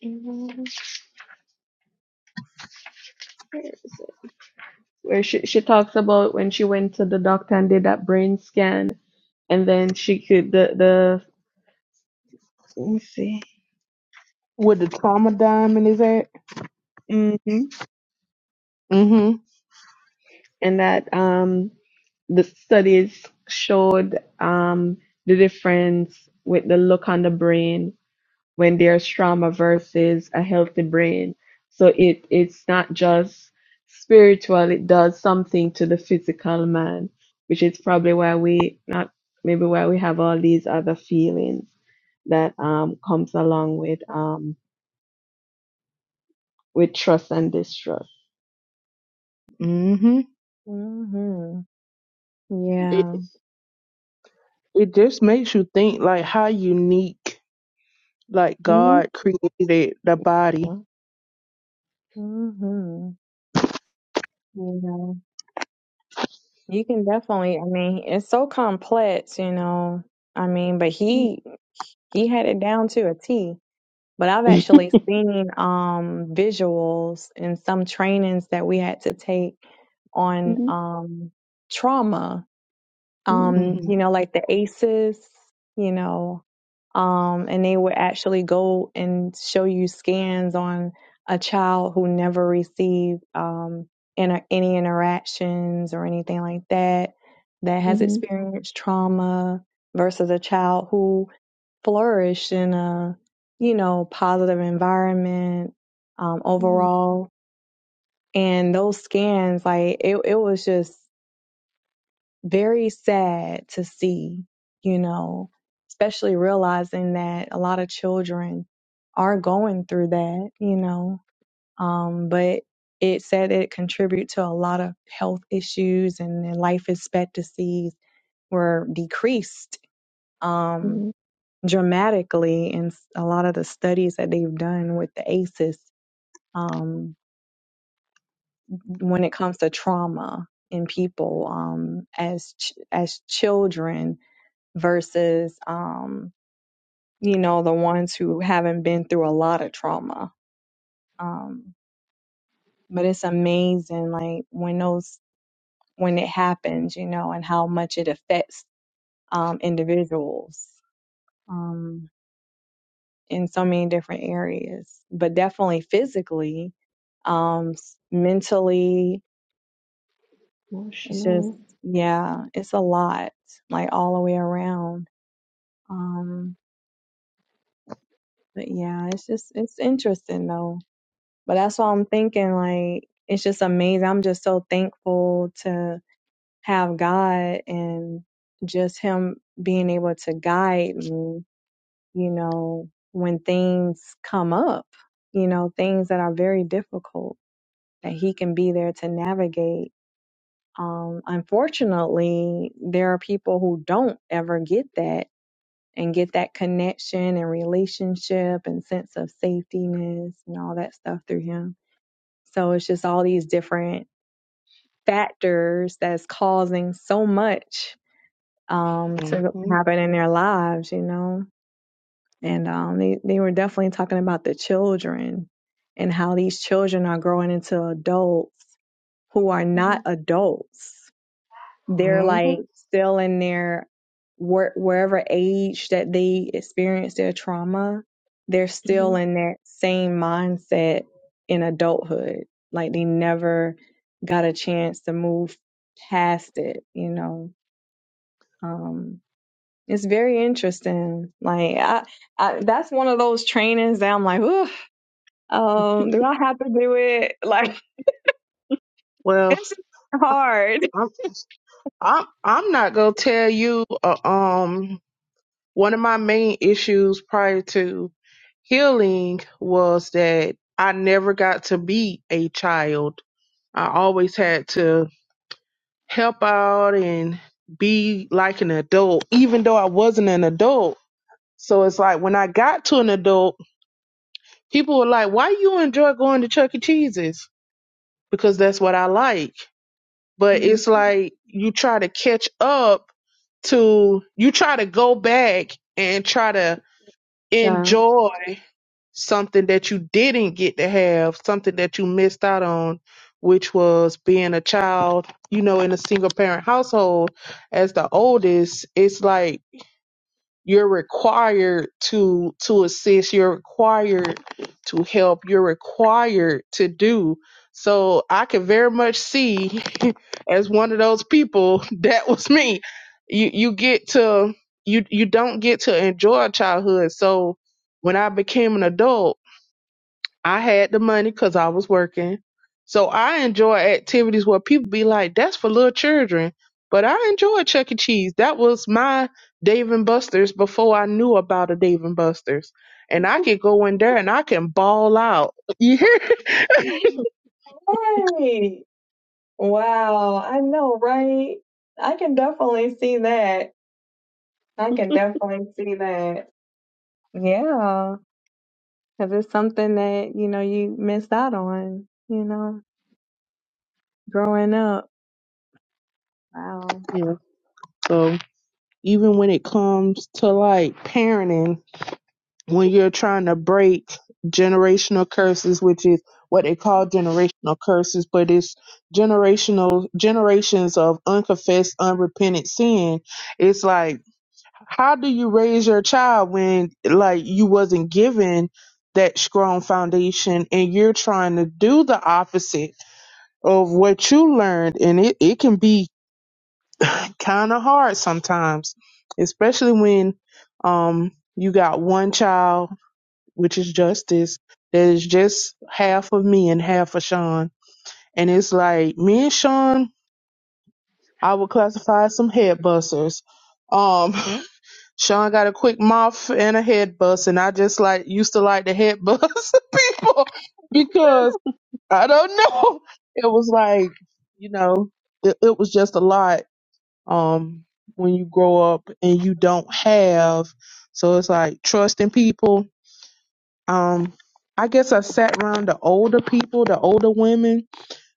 S3: eleven. Where is it? Where she she talks about when she went to the doctor and did that brain scan, and then she could the the let me see,
S1: Where the trauma diamond is at
S3: mm-hmm.
S1: mm
S3: and that um the studies showed um the difference with the look on the brain when there's trauma versus a healthy brain. So it it's not just spiritual, it does something to the physical man, which is probably why we not maybe why we have all these other feelings that um comes along with um with trust and distrust.
S1: mhm mm mhm
S2: hmm
S1: it
S2: Yeah.
S1: it just makes you think like how unique like
S3: hmm
S1: god created the body
S3: Yeah.
S2: hmm You know, you can definitely, I mean, it's so complex, you know. I mean, but he He had it down to a T. But I've actually seen um, visuals in some trainings that we had to take on
S3: hmm
S2: um, trauma.
S3: hmm
S2: Um,
S1: hmm
S2: you know, like the ACEs, you know, um, and they would actually go and show you scans on a child who never received um, inter- any interactions or anything like that that has
S3: hmm
S2: experienced trauma versus a child who flourish in a you know positive environment um,
S3: hmm
S2: overall and those scans like it, it was just very sad to see you know especially realizing that a lot of children are going through that you know um, but it said it contribute to a lot of health issues and then life expectancies were decreased Um,
S3: hmm
S2: dramatically in s- a lot of the studies that they've done with the ACEs um, when it comes to trauma in people um, as ch- as children versus um, you know the ones who haven't been through a lot of trauma. Um, but it's amazing, like when those when it happens, you know, and how much it affects um, individuals. um, in so many different areas, but definitely physically, um, s- mentally. It's just,
S3: Emotional.
S2: yeah, it's a lot, like all the way around. Um, but yeah, it's just, it's interesting though. But that's why I'm thinking, like, it's just amazing. I'm just so thankful to have God and just Him being able to guide me, you know, when things come up, you know, things that are very difficult that he can be there to navigate. Um, unfortunately, there are people who don't ever get that and get that connection and relationship and sense of safetyness and all that stuff through him. So it's just all these different factors that's causing so much um, to
S1: hmm
S2: happen in their lives, you know. And um, they, they were definitely talking about the children and how these children are growing into adults who are
S3: hmm
S2: not adults They're
S1: hmm
S2: like still in their where, wherever age that they experienced their trauma, they're
S3: hmm
S2: still in that same mindset in adulthood. Like they never got a chance to move past it, you know. Um, it's very interesting. Like I, I, that's one of those trainings that I'm like, Ooh, um, do I have to do it? Like
S1: Well,
S2: it's hard.
S1: I'm I'm I'm not gonna tell you. Uh, um, one of my main issues prior to healing was that I never got to be a child. I always had to help out and be like an adult, even though I wasn't an adult. So it's like when I got to an adult, people were like, why you enjoy going to Chuck E. Cheese's? Because that's what I like. But
S3: hmm
S1: it's like you try to catch up to, you try to go back and try to
S3: Child.
S1: enjoy something that you didn't get to have, something that you missed out on, which was being a child, you know, in a single parent household as the oldest, it's like you're required to to assist, you're required to help, you're required to do. So I can very much see as one of those people that was me. You you get to you you don't get to enjoy childhood. So when I became an adult, I had the money because I was working. So I enjoy activities where people be like, that's for little children. But I enjoy Chuck E. Cheese. That was my Dave and Buster's before I knew about a Dave and Buster's. And I could go in there and I can ball out. You hear?
S2: Right. Wow. I know, right? I can definitely see that. I can definitely see that. Yeah. Because it's something that, you know, you missed out on, you know, growing up. Wow.
S1: Yeah. So even when it comes to like parenting, when you're trying to break generational curses, which is what they call generational curses, but it's generational generations of unconfessed, unrepentant sin. It's like, how do you raise your child when like you wasn't given that strong foundation and you're trying to do the opposite of what you learned? And it, it can be kind of hard sometimes, especially when um you got one child which is justice, that is just half of me and half of Sean. And it's like me and Sean, I would classify as some head busters. Um, Sean got a quick mouth and a head bust, and I just like used to like the head bust people because I don't know. It was like, you know, it, it was just a lot. Um, when you grow up and you don't have, so it's like trusting people um I guess I sat around the older people, the older women,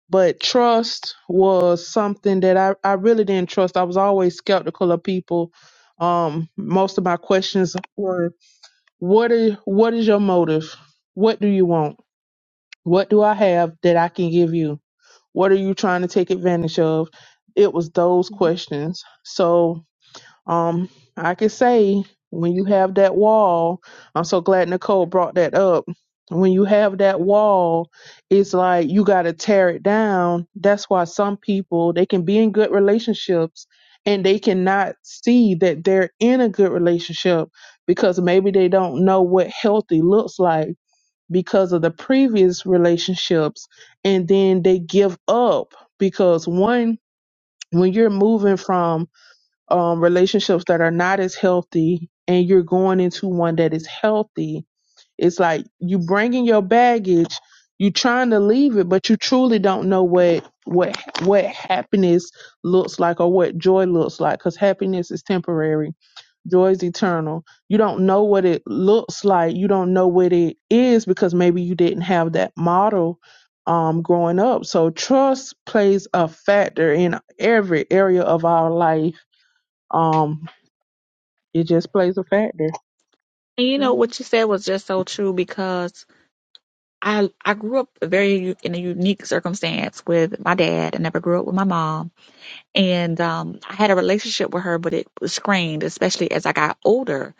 S1: but trust was something that I, I really didn't trust. I was always skeptical of people. Um, most of my questions were what is what is your motive? What do you want? What do I have that I can give you? What are you trying to take advantage of? It was those
S3: Mm-hmm.
S1: questions. So um, I can say when you have that wall, I'm so glad Nicole brought that up. When you have that wall, it's like you got to tear it down. That's why some people they can be in good relationships and they cannot see that they're in a good relationship because maybe they don't know what healthy looks like because of the previous relationships and then they give up because one when you're moving from um, relationships that are not as healthy and you're going into one that is healthy it's like you bringing your baggage you trying to leave it but you truly don't know what what what happiness looks like or what joy looks like because happiness is temporary joy is eternal you don't know what it looks like you don't know what it is because maybe you didn't have that model um growing up so trust plays a factor in every area of our life um, it just plays a factor.
S4: And you know what
S3: Mm-hmm.
S4: you said was just so true because I I grew up very u- in a unique circumstance with my dad. I never grew up with my mom. And um, I had a relationship with her, but it was strained, especially as I got older.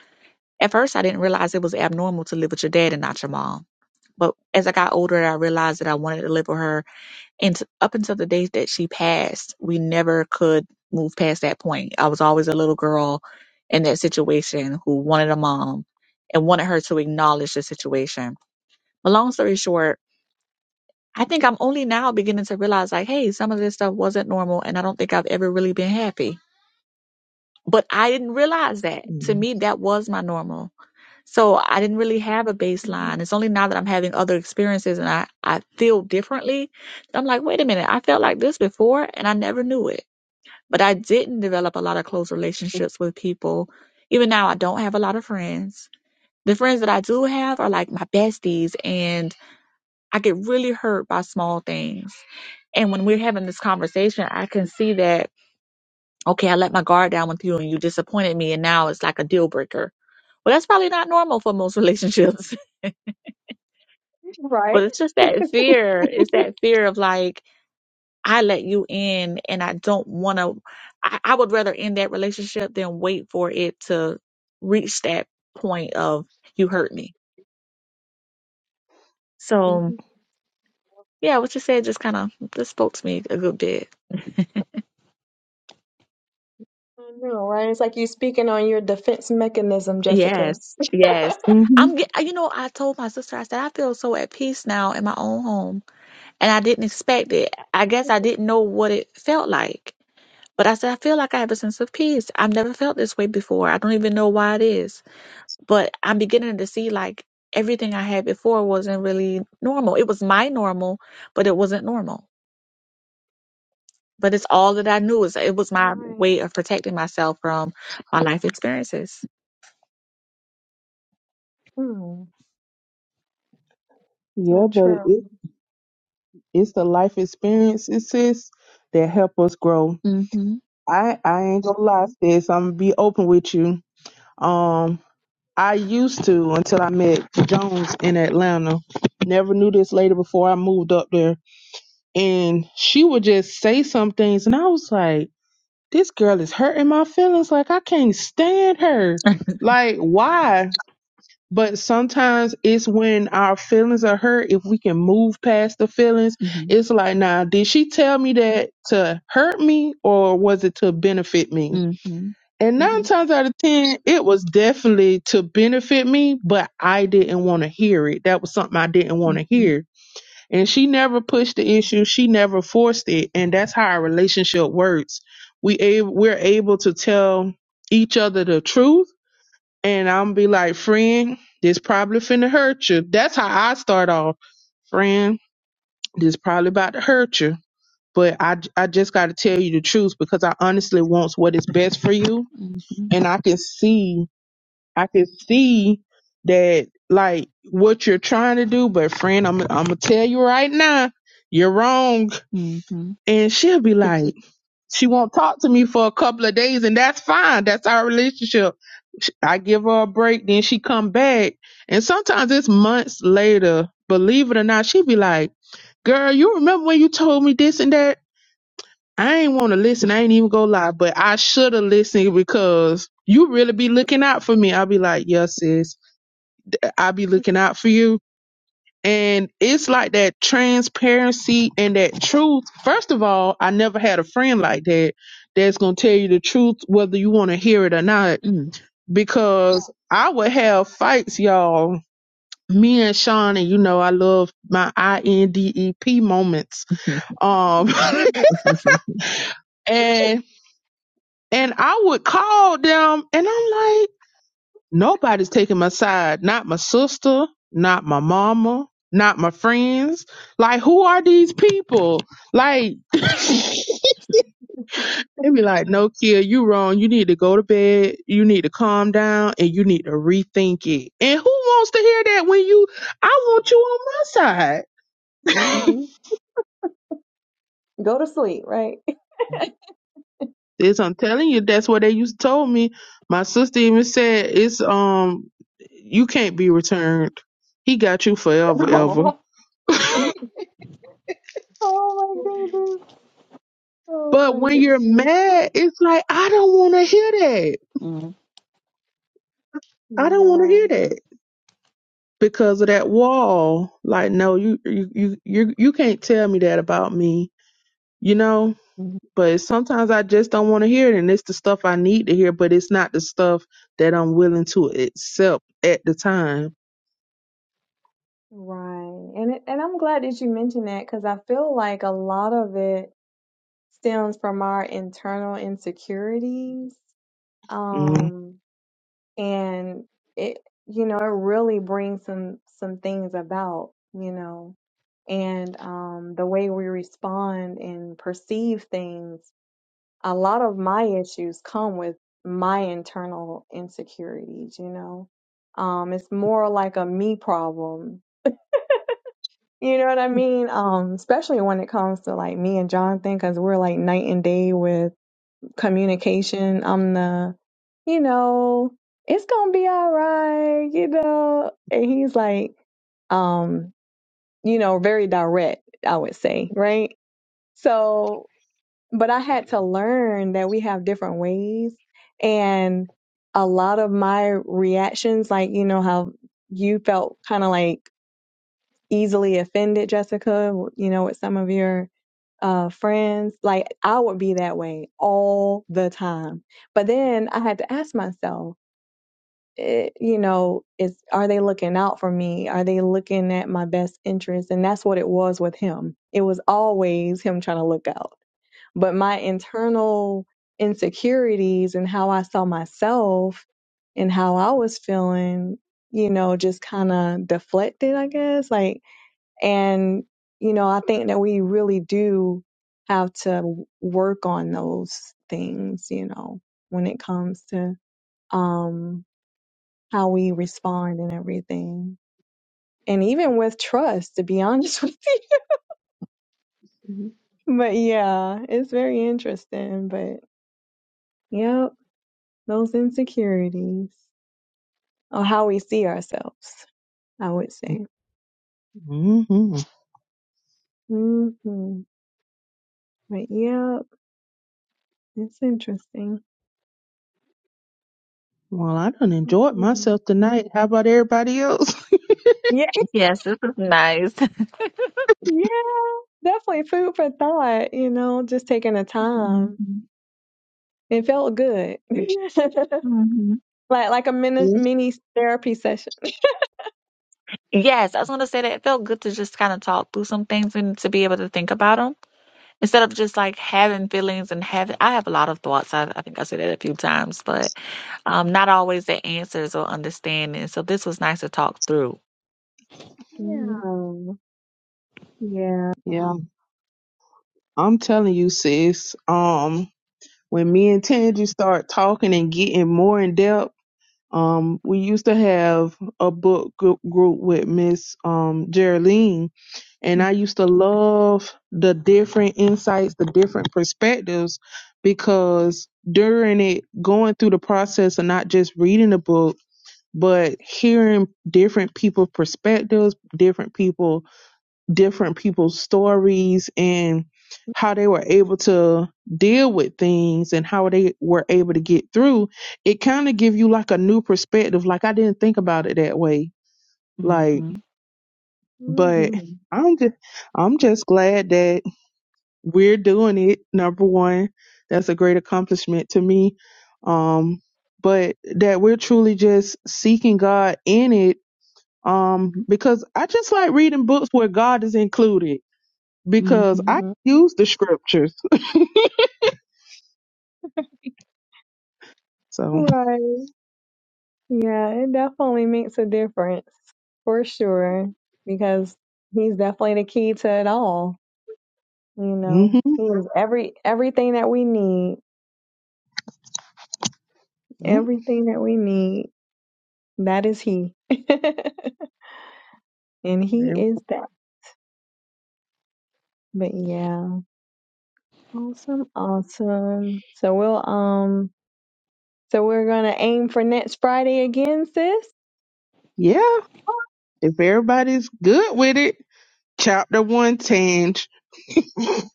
S4: At first, I didn't realize it was abnormal to live with your dad and not your mom. But as I got older, I realized that I wanted to live with her. And t- up until the day that she passed, we never could move past that point. I was always a little girl in that situation who wanted a mom and wanted her to acknowledge the situation. But long story short, I think I'm only now beginning to realize like, hey, some of this stuff wasn't normal, and I don't think I've ever really been happy but I didn't realize that. To me, that was my normal. So I didn't really have a baseline. It's only now that I'm having other experiences and I, I feel differently. I'm like, wait a minute, I felt like this before and I never knew it. But I didn't develop a lot of close relationships with people. Even now, I don't have a lot of friends. The friends that I do have are like my besties, and I get really hurt by small things. And when we're having this conversation, I can see that okay, I let my guard down with you and you disappointed me and now it's like a deal breaker. Well, that's probably not normal for most relationships,
S2: Right.
S4: but it's just that fear. It's that fear of like, I let you in and I don't want to, I, I would rather end that relationship than wait for it to reach that point of you hurt me.
S3: Mm-hmm.
S4: So yeah, what you said just kind of, just spoke to me a good bit.
S2: I know, right? It's like you speaking on your defense mechanism, Jessica.
S4: Yes, yes.
S1: Mm-hmm.
S4: I'm get, you know, I told my sister, I said, I feel so at peace now in my own home and I didn't expect it. I guess I didn't know what it felt like. But I said, I feel like I have a sense of peace. I've never felt this way before. I don't even know why it is. But I'm beginning to see like everything I had before wasn't really normal. It was my normal, but it wasn't normal. But it's all that I knew. Is it was my
S2: Right.
S4: way of protecting myself from my life experiences.
S2: Hmm.
S1: Yeah,
S2: So
S1: but
S2: true.
S1: it it's the life experiences sis, that help us grow.
S4: Mm-hmm.
S1: I I ain't gonna lie, sis. I'm gonna be open with you. Um, I used to until I met Jones in Atlanta. Never knew this lady before I moved up there. and she would just say some things and i was like this girl is hurting my feelings like i can't stand her like why but sometimes it's when our feelings are hurt if we can move past the feelings
S4: Mm-hmm.
S1: it's like "Nah, did she tell me that to hurt me or was it to benefit me
S4: Mm-hmm.
S1: and nine
S3: Mm-hmm.
S1: times out of ten it was definitely to benefit me but i didn't want to hear it that was something i didn't want to
S4: Mm-hmm.
S1: hear and she never pushed the issue. She never forced it. And that's how our relationship works. We a- we're able to tell each other the truth. And I'm be like, friend, this probably finna hurt you. That's how I start off. Friend, this probably about to hurt you. But I I just got to tell you the truth because I honestly wants what is best for you. And I can see, I can see that like what you're trying to do. But friend, I'm, I'm going to tell you right now, you're wrong.
S4: Mm-hmm.
S1: And she'll be like, she won't talk to me for a couple of days, and that's fine. That's our relationship. Sh- I give her a break, then she come back, and sometimes it's months later. Believe it or not, she be like, "Girl, you remember when you told me this and that? I ain't want to listen. I ain't even go lie, but I should have listened because you really be looking out for me." I'll be like, "Yes, sis, I be looking out for you." And it's like that transparency and that truth. First of all, I never had a friend like that that's going to tell you the truth, whether you want to hear it or not.
S4: Mm-hmm.
S1: Because I would have fights, y'all. Me and Sean, and you know, I love my I N D E P moments. Um,
S4: Mm-hmm.
S1: and and I would call them, and I'm like, Nobody's taking my side. Not my sister, not my mama, not my friends. Like, who are these people? Like, they be like, no, kid, you wrong. You need to go to bed. You need to calm down and you need to rethink it. And who wants to hear that when you, I want you on my side?
S3: Mhm.
S2: Go to sleep, right?
S1: this I'm telling you, that's what they used to told me. My sister even said it's um you can't be returned. He got you forever, ever.
S2: Oh my goodness. Oh
S1: But
S2: my
S1: when you're
S2: goodness.
S1: mad, it's like, I don't want to hear that. I don't want to
S2: Yeah.
S1: hear that because of that wall. Like, no, you, you, you, you, you can't tell me that about me, you know?
S3: Mhm.
S1: But sometimes I just don't want to hear it. And it's the stuff I need to hear, but it's not the stuff that I'm willing to accept at the time.
S2: Right. And it, and I'm glad that you mentioned that because I feel like a lot of it stems from our internal insecurities.
S1: Mm-hmm.
S2: Um, and it you know it really brings some some things about you know and um the way we respond and perceive things a lot of my issues come with my internal insecurities you know um it's more like a me problem you know what i mean um especially when it comes to like me and jonathan because we're like night and day with communication. I'm the, you know, it's gonna be all right, you know. And he's like, um, you know, very direct, I would say, right? So, but I had to learn that we have different ways, and a lot of my reactions, like you know how you felt kind of like easily offended, Jessica, you know, with some of your uh, friends. Like I would be that way all the time. But then I had to ask myself, it, you know, is are they looking out for me? Are they looking at my best interest? And that's what it was with him. It was always him trying to look out. But my internal insecurities and how I saw myself and how I was feeling, you know, just kind of deflected, I guess. Like and, you know, I think that we really do have to work on those things, you know, when it comes to um, how we respond and everything. And even with trust, to be honest with you.
S3: Mhm.
S2: But yeah, it's very interesting. But yep, those insecurities or how we see ourselves, I would say.
S1: hmm
S2: hmm But yep, it's interesting.
S1: Well, I done enjoyed
S2: Mhm.
S1: myself tonight. How about everybody else?
S2: Yeah,
S4: Yes, this is nice.
S2: yeah. Definitely food for thought, you know, just taking the time.
S4: Mm-hmm.
S2: It felt good.
S4: Mm-hmm.
S2: like like a mini
S1: Yeah,
S2: mini therapy session.
S4: Yes, I was gonna say that it felt good to just kind of talk through some things and to be able to think about them instead of just like having feelings and having. I have a lot of thoughts. I, I think I said that a few times, but um, not always the answers or understanding. So this was nice to talk through.
S3: Mhm.
S2: Yeah. Yeah.
S1: yeah. I'm telling you, sis. Um, when me and Tangie start talking and getting more in depth. Um, we used to have a book gr- group with Miss um, Geraldine, and
S4: Mm.
S1: I used to love the different insights, the different perspectives, because during it, going through the process of not just reading the book, but hearing different people's perspectives, different people different people's stories and how they were able to deal with things and how they were able to get through it kind of give you like a new perspective like i didn't think about it that way
S4: Mhm.
S1: like but
S2: hmm
S1: i'm just i'm just glad that we're doing it number one that's a great accomplishment to me um but that we're truly just seeking god in it um because i just like reading books where god is included
S4: Mhm.
S1: because I
S3: Mhm.
S1: use the scriptures. So
S2: Right. Yeah, it definitely makes a difference for sure because he's definitely the key to it all, you
S1: hmm
S2: know. He is every everything that we need.
S1: yeah,
S2: Everything that we need. That is he. and he
S1: Ev-
S2: is that. But yeah. Awesome, awesome. So we'll um so we're gonna aim for next Friday again, sis.
S1: yeah. If everybody's good with it, chapter one change.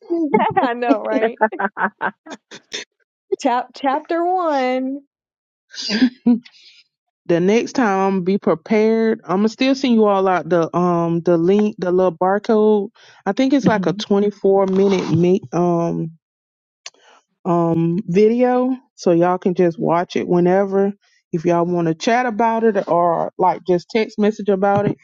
S2: I know, right? Chap chapter one.
S1: The next time, I'm gonna be prepared. I'm gonna still send you all out the um the link, the little barcode. I think it's like a
S4: hmm
S1: 24 minute meet. um. um, video, so y'all can just watch it whenever. If y'all want to chat about it or like just text message about it,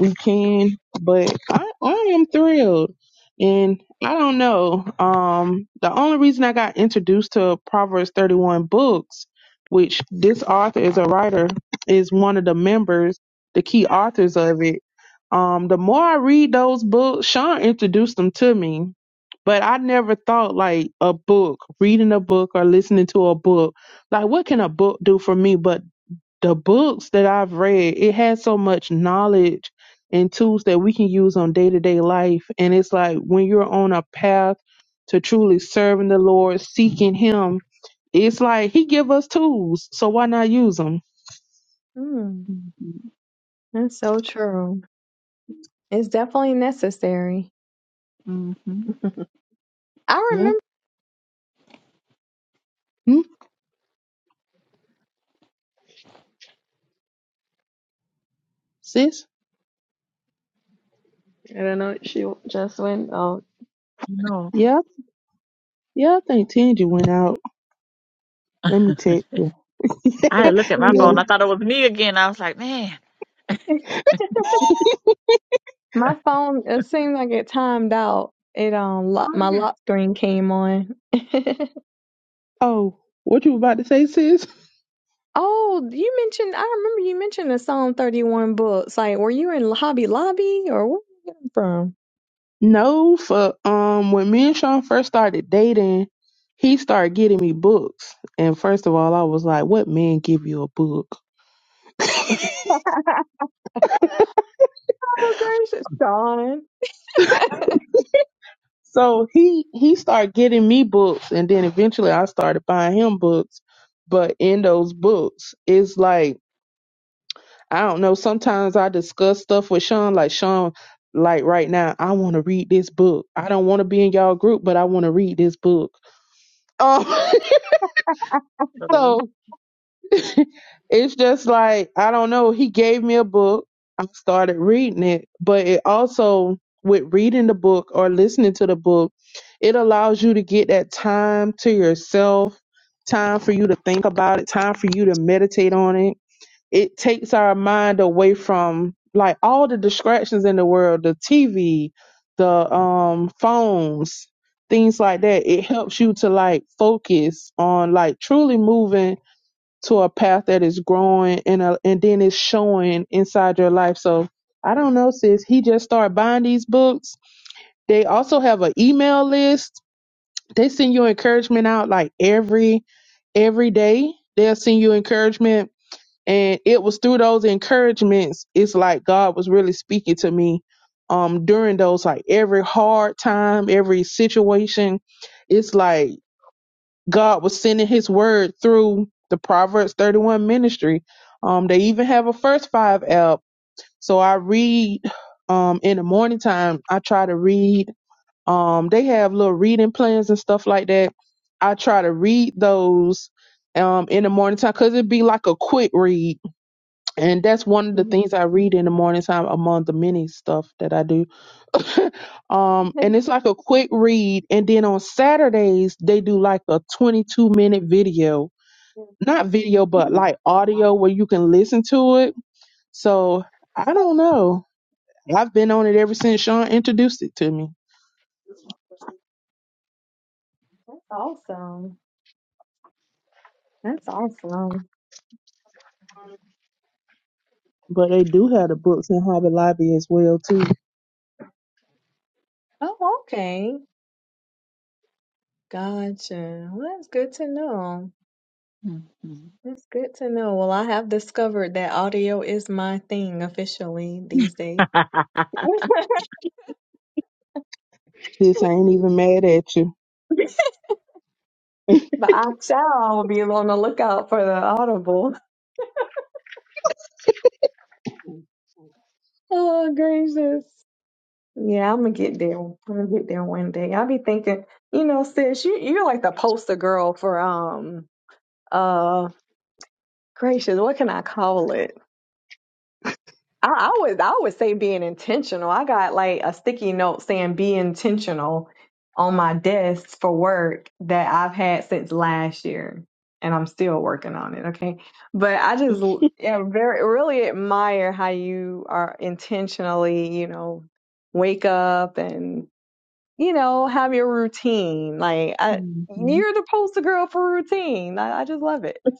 S1: we can. But I, I am thrilled, and I don't know. Um, the only reason I got introduced to Proverbs thirty one books, which this author is a writer, is one of the members, the key authors of it. Um, the more I read those books, Sean introduced them to me but I never thought like a book, reading a book or listening to a book, like what can a book do for me? But the books that I've read, it has so much knowledge and tools that we can use on day to day life. And it's like when you're on a path to truly serving the Lord, seeking Him, it's like He give us tools, so why not use them?
S2: Mm,
S4: Mhm.
S2: that's so true. It's definitely necessary.
S4: Mhm.
S2: I
S1: Yeah,
S2: remember
S1: hmm? sis.
S3: I don't know. She just went out.
S4: No.
S1: Yeah, yeah. I think Tangy went out. Let me text you.
S4: I had to
S2: it,
S4: look at my
S1: yeah.
S4: phone.
S2: you
S4: I thought it was me again. I was like, man.
S2: know, my phone it seemed like it timed out. It um lock,
S4: Oh,
S2: my
S4: yeah.
S2: lock screen came on.
S1: Oh, what you about to say, sis?
S2: oh, you mentioned I remember you mentioned the Psalm thirty one books. Like were you in Hobby Lobby or where did you from?
S1: No, for um, when me and Sean first started dating, he started getting me books, and first of all, I was like, "What man give you a book?"
S2: Oh, gracious, Dawn.
S1: so he he started getting me books, and then eventually I started buying him books. But in those books, it's like I don't know. Sometimes I discuss stuff with Sean, like Sean, like right now, I want to read this book. I don't want to be in y'all group, but I want to read this book. Um,
S4: Mhm.
S1: so it's just like I don't know. He gave me a book. I started reading it, but it also with reading the book or listening to the book, it allows you to get that time to yourself, time for you to think about it, time for you to meditate on it. It takes our mind away from like all the distractions in the world, the TV, the um phones, things like that. It helps you to like focus on like truly moving to a path that is growing and a, and then it's showing inside your life. So I don't know, sis. He just started buying these books. They also have an email list. They send you encouragement out like every every day. They'll send you encouragement. And it was through those encouragements, it's like God was really speaking to me um during those like every hard time, every situation. It's like God was sending his word through the Proverbs 31 ministry. Um, they even have a first five app. So I read um, in the morning time, I try to read. Um, they have little reading plans and stuff like that. I try to read those um, in the morning time because it'd be like a quick read. And that's one of the
S3: Mhm.
S1: things I read in the morning time among the many stuff that I do. um, and it's like a quick read. And then on Saturdays, they do like a 22 minute video, not video, but like audio where you can listen to it. So I don't know. I've been on it ever since Sean introduced it to me.
S2: That's awesome. That's awesome.
S1: But they do have the books in Hobby Lobby as well too.
S2: Oh, okay. Gotcha. Well, that's good to know.
S4: Mhm.
S2: That's good to know. Well, I have discovered that audio is my thing officially these days.
S1: Sis, I ain't even mad at you.
S2: But I shall be on the lookout for the Audible. Oh, gracious. Yeah, I'm gonna get there. I'm gonna get there one day. I'll be thinking, you know, sis, you you're like the poster girl for um uh, Gracious, what can I call it? I, I would I would say being intentional. I got like a sticky note saying be intentional on my desk for work that I've had since last year. And I'm still working on it, okay? But I just l- yeah, very really admire how you are intentionally, you know, wake up and, you know, have your routine. Like I you're the poster girl for routine. I, I just love it.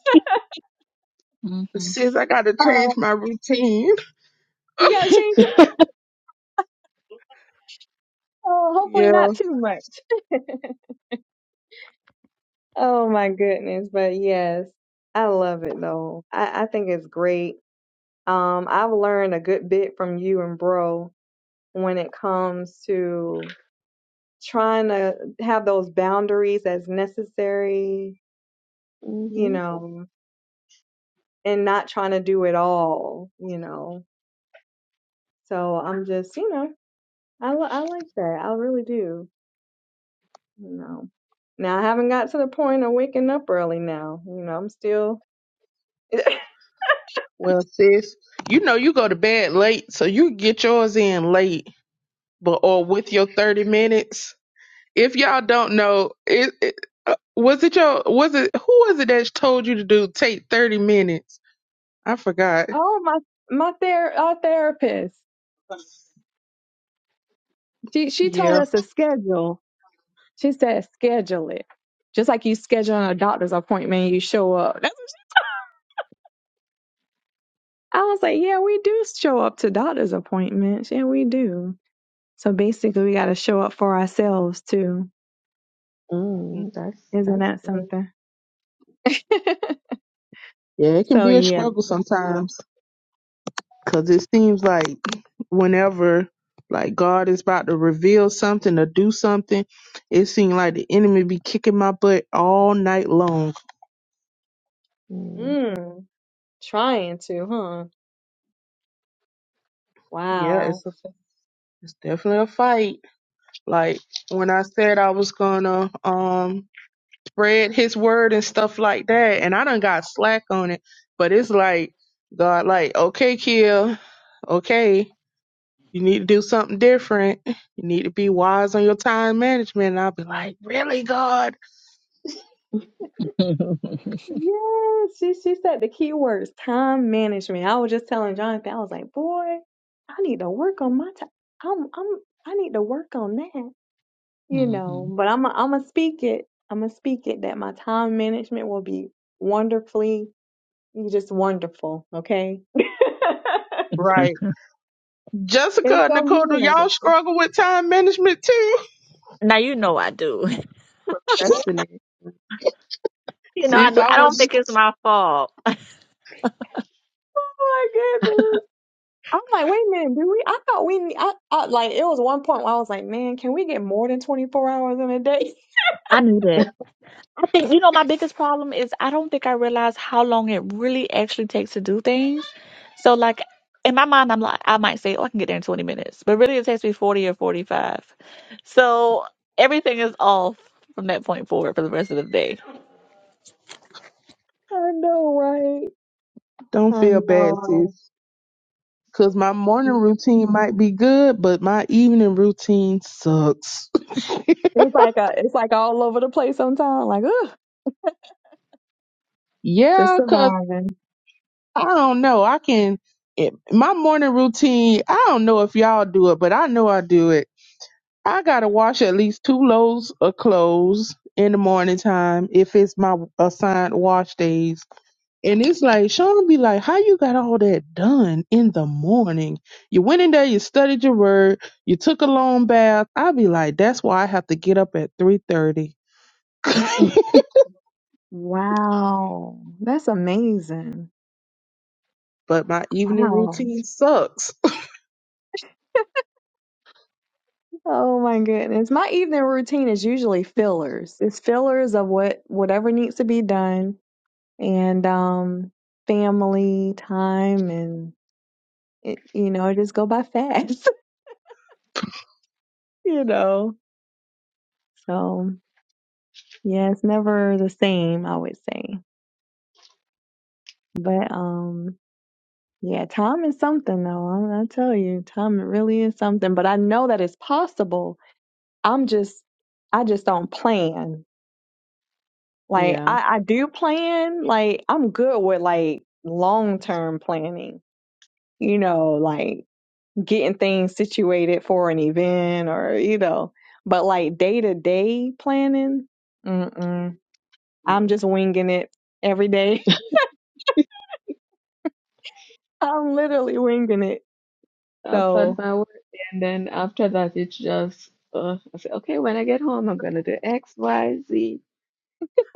S4: Mm-hmm.
S1: Sis, I gotta
S2: Um,
S1: change my routine.
S2: you gotta change Oh, hopefully
S1: Yeah.
S2: not too much. Oh my goodness, but yes, I love it though. I, I think it's great. Um, I've learned a good bit from you and Bro when it comes to trying to have those boundaries as necessary, you
S3: Mhm.
S2: know, and not trying to do it all, you know. So I'm just, you know, I li- I like that. I really do, you know. Now I haven't got to the point of waking up early now. You know, I'm still.
S1: Well, sis, you know you go to bed late, so you get yours in late, but or with your thirty minutes. If y'all don't know, it, it uh, was it your was it who was it that told you to do take thirty minutes? I forgot.
S2: Oh my my ther- our therapist. She she told
S1: Yeah.
S2: us a schedule. She said schedule it. Just like you schedule a doctor's appointment, you show up. That's what she- I was like, yeah, we do show up to doctor's appointments. Yeah, we do. So basically, we got to show up for ourselves too.
S1: Mm,
S3: Mm, that's
S2: Isn't
S3: that's
S2: that
S3: good.
S2: something?
S1: Yeah, it can
S2: so
S1: be a
S2: yeah.
S1: struggle sometimes. Cause it seems like whenever like God is about to reveal something or do something, it seems like the enemy be kicking my butt all night long.
S3: Mm.
S2: Mm, trying to, huh?
S1: Yeah,
S2: Wow.
S1: it's a, it's definitely a fight. Like when I said I was gonna um spread His word and stuff like that, and I done got slack on it. But it's like God, like okay, kill, okay, you need to do something different. You need to be wise on your time management. And I'll be like, really, God?
S2: Yes, she, she said the key words, time management. I was just telling Jonathan, I was like, boy, I need to work on my time. I'm, I'm, I need to work on that, you know.
S4: Mm-hmm.
S2: But I'm, I'm gonna speak it. I'm gonna speak it that my time management will be wonderfully, just wonderful. Okay,
S1: Right.
S2: it's
S1: Jessica and
S2: gonna be
S1: Nicole, do y'all
S2: wonderful.
S1: struggle with time management too?
S4: Now you know I do.
S3: Procrastination.
S4: You know I
S1: Since
S4: do.
S1: I
S4: I don't
S1: was
S4: think it's my fault.
S2: Oh my goodness. I'm like, wait a minute, do we? I thought we, I, I like, it was one point where I was like, man, can we get more than 24 hours in a day?
S4: I knew that. I think you know my biggest problem is I don't think I realize how long it really actually takes to do things. So like in my mind, I'm like I might say, oh, I can get there in 20 minutes, but really it takes me 40 or 45. So everything is off from that point forward for the rest of the day.
S2: I know, right?
S1: don't
S2: I
S1: feel bad,
S2: know.
S1: sis. Cause my morning
S2: It's
S1: routine might be good, but my evening routine sucks.
S2: like a, it's like all over the place sometimes. Like, ugh, just
S1: Yeah, cause
S2: surviving.
S1: I don't know. I can it, my morning routine. I don't know if y'all do it, but I know I do it. I gotta wash at least two loads of clothes in the morning time if it's my assigned wash days. And it's like Sean be like, "How you got all that done in the morning? You went in there, you studied your word, you took a long bath." I be like, "That's why I have to get up at three thirty."
S2: Wow, that's amazing.
S1: but my evening
S2: Wow.
S1: routine sucks.
S2: Oh my goodness. My evening routine is usually fillers. It's fillers of what whatever needs to be done and um family time and. it, you know, it just go by fast, you know. So yeah, it's never the same, I would say. But um, yeah, time is something though. I, I tell you, time really is something. But I know that it's possible. I'm just, I just don't plan. Like
S3: Yeah.
S2: I, I do plan. Like I'm good with like long term planning. You know, like getting things situated for an event or you know, but like day to day planning. Mm-mm. I'm just winging it every day. I'm literally winging it.
S3: I will plan
S2: So,
S3: my work, and then after that, it's just uh, I say, okay, when I get home, I'm gonna do X, Y, Z,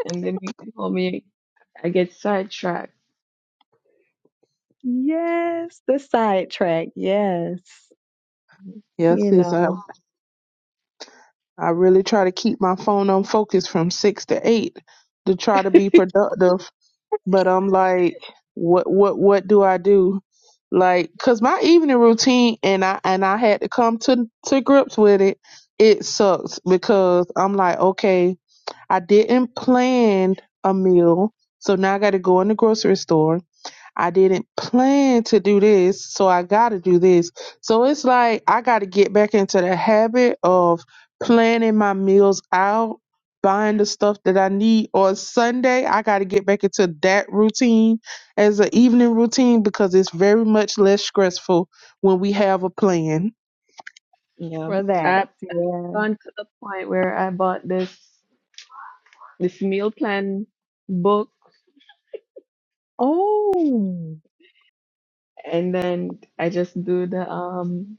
S3: and then you can call me. I get sidetracked.
S2: yes, the sidetrack. Yes,
S1: Yes,
S2: you
S1: sis. I
S2: know,
S1: I really try to keep my phone on focus from six to eight to try to be productive. But I'm like, what, what, what do I do? Like, cause my evening routine, and I and I had to come to to grips with it. It sucks because I'm like, okay, I didn't plan a meal, so now I got to go in the grocery store. I didn't plan to do this, so I got to do this. So it's like I got to get back into the habit of planning my meals out, buying the stuff that I need. On Sunday, I got to get back into that routine as an evening routine because it's very much less stressful when we have a plan.
S3: Yeah,
S2: for that.
S3: I've
S2: Yeah.
S3: gone to the point where I bought this this meal plan book,
S2: Oh,
S3: and then I just do the um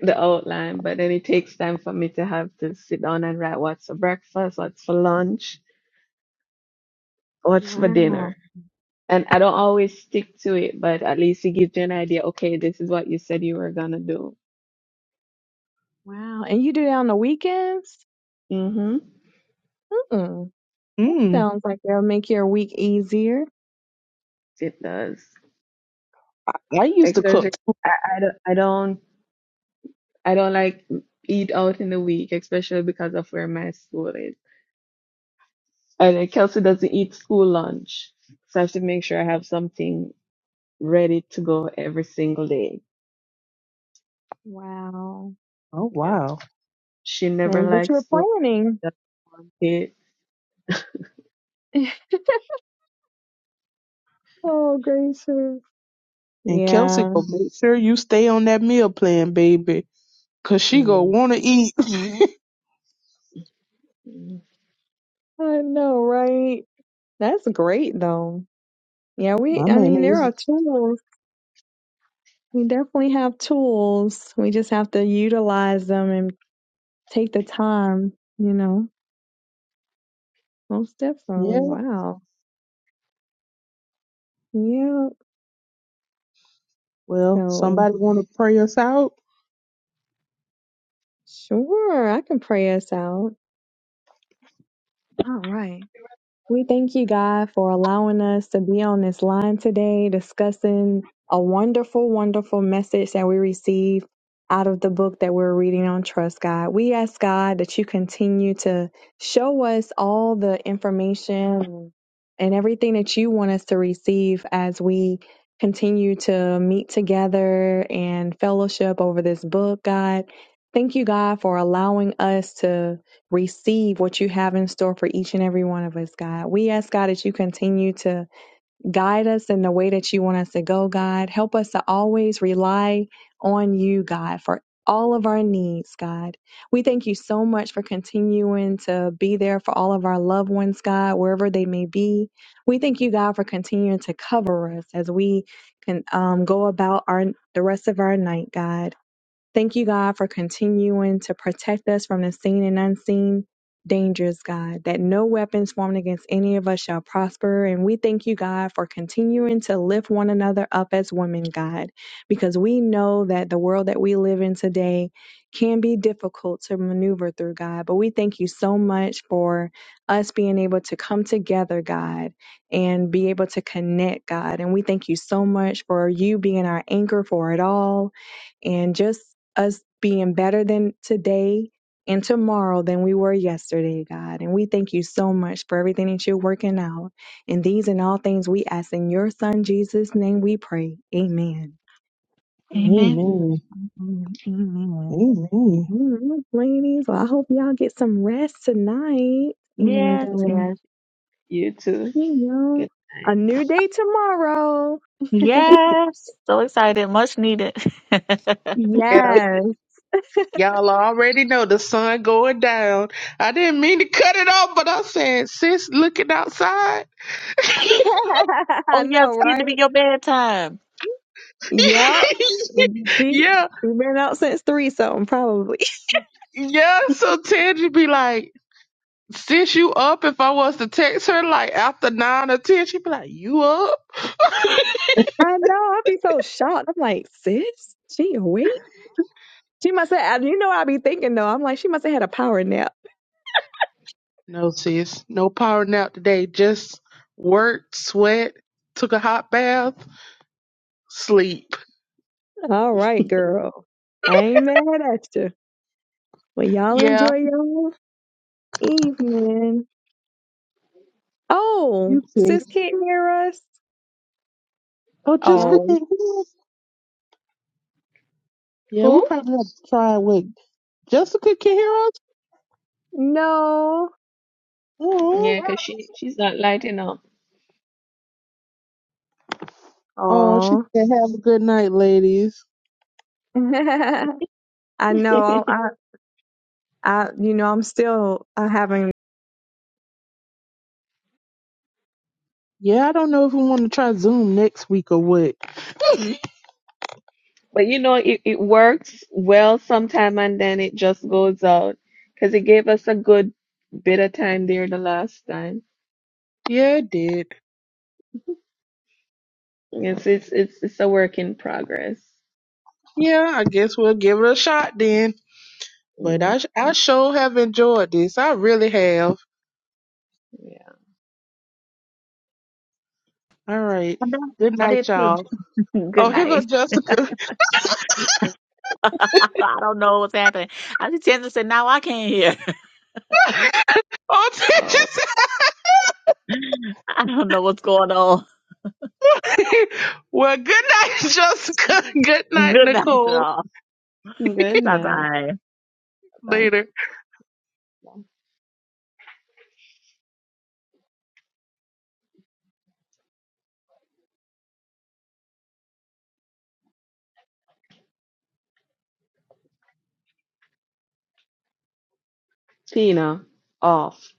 S3: the outline. But then it takes time for me to have to sit down and write what's for breakfast, what's for lunch, what's for
S2: wow.
S3: dinner. And I don't always stick to it, but at least it gives you an idea. Okay, this is what you said you were gonna do.
S2: Wow. And you do that on the weekends?
S3: hmm
S2: Mm-mm. That
S1: Mm,
S2: sounds like that'll make your week easier.
S3: It does.
S1: I, I used to
S3: Especially,
S1: cook.
S3: I, I don't, I don't, I don't like eat out in the week, especially because of where my school is. And then Kelsey doesn't eat school lunch, so I have to make sure I have something ready to go every single day.
S2: Wow.
S1: Oh
S3: Yeah.
S1: wow!
S3: She never
S2: And- But
S3: likes
S2: you're
S3: school. She
S2: planning.
S3: doesn't want it.
S2: oh, gracious.
S1: And Kelsey
S2: Yeah,
S1: go make sure you stay on that meal plan, baby, 'cause she go want to
S3: Mm-hmm.
S1: eat. I
S3: Mm-hmm.
S2: I know, right? That's great, though. Yeah, we, I
S1: mean,
S2: mean, there
S1: it's-
S2: are tools. We definitely have tools. We just have to utilize them and take the time, you know. Most definitely.
S1: yeah.
S2: Wow. Yeah.
S1: Well,
S2: So,
S1: somebody want to pray us out?
S2: sure, I can pray us out. All right. We thank you, God, for allowing us to be on this line today discussing a wonderful, wonderful message that we receive out of the book that we're reading on Trust God. We ask God that you continue to show us all the information and everything that you want us to receive as we continue to meet together and fellowship over this book, God. Thank you, God, for allowing us to receive what you have in store for each and every one of us, God. We ask, God, that you continue to guide us in the way that you want us to go, God. Help us to always rely on you, God, for all of our needs, God. We thank you so much for continuing to be there for all of our loved ones, God, wherever they may be. We thank you, God, for continuing to cover us as we can um, go about our the rest of our night, God. Thank you, God, for continuing to protect us from the seen and unseen dangers, God, that no weapons formed against any of us shall prosper. And we thank you, God, for continuing to lift one another up as women, God, because we know that the world that we live in today can be difficult to maneuver through, God. But we thank you so much for us being able to come together, God, and be able to connect, God. And we thank you so much for you being our anchor for it all and just us being better than today and tomorrow than we were yesterday, God. And we thank you so much for everything that you're working out. And these and all things we ask in your son Jesus' name we pray. Amen.
S4: Amen.
S3: Mm-hmm.
S1: Amen.
S2: Amen. Amen.
S1: Amen.
S2: Mm, ladies, well, I hope y'all get some rest tonight. And, uh,
S4: Yes, yes,
S3: You too.
S2: you
S3: Good
S2: know,
S3: night.
S2: a new day tomorrow.
S4: yes. So excited, much needed.
S1: Yeah,
S2: Yes.
S1: y'all already know the sun going down. I didn't mean to cut it off, but I said, sis, looking outside.
S4: oh
S2: I
S4: yeah, it's
S2: know,
S4: getting
S2: right?
S4: to be your bedtime.
S2: Yep. See,
S1: Yeah,
S2: we've been out since three something, probably.
S1: yeah. So Teddy be like, since you up, if I was to text her like after nine or ten, she'd be like, you up?
S2: I know. I'd be so shocked. I'm like, sis, she awake? She must have, you know, what i be thinking though. I'm like, she must have had a power nap.
S1: no, sis, no power nap today. Just work, sweat, took a hot bath, sleep.
S2: All right, girl. I ain't mad at you. Well, y'all
S1: Yeah,
S2: enjoy your evening. Oh,
S1: you too.
S2: sis can't hear us.
S1: Oh,
S3: Huh?
S1: Jessica
S2: Oh,
S1: can't hear us. Yeah, we
S3: Who?
S1: probably have to try with Jessica can hear us.
S2: no.
S1: Oh,
S3: Yeah, because she, she's not lighting up.
S1: oh, she
S2: Oh,
S1: said, have a good night, ladies.
S2: I know. I, I, you know, I'm still uh, having
S1: Yeah, I don't know if we want to try Zoom next week or what.
S3: But you know, it, it works well sometime and then it just goes out because it gave us a good bit of time there the last time.
S1: Yeah, it did.
S3: It's it's it's it's a work in progress.
S1: Yeah, I guess we'll give it a shot then. But
S3: Mm,
S1: I, I sure have enjoyed this. I really have.
S3: yeah.
S1: All right.
S4: I know.
S1: Good
S4: I
S1: night,
S4: did too.
S1: y'all.
S4: Good
S1: Oh, here go
S4: night.
S1: Jessica.
S4: I don't know what's happening. I just tend to say now I can't hear.
S1: oh, did you
S3: Oh,
S1: say-
S4: I don't know what's going on.
S1: well, good night, Jessica. Good night,
S4: Good night,
S1: Nicole.
S4: y'all.
S3: good
S4: Bye
S3: night.
S4: bye.
S3: Bye.
S1: Later.
S3: Tina, off.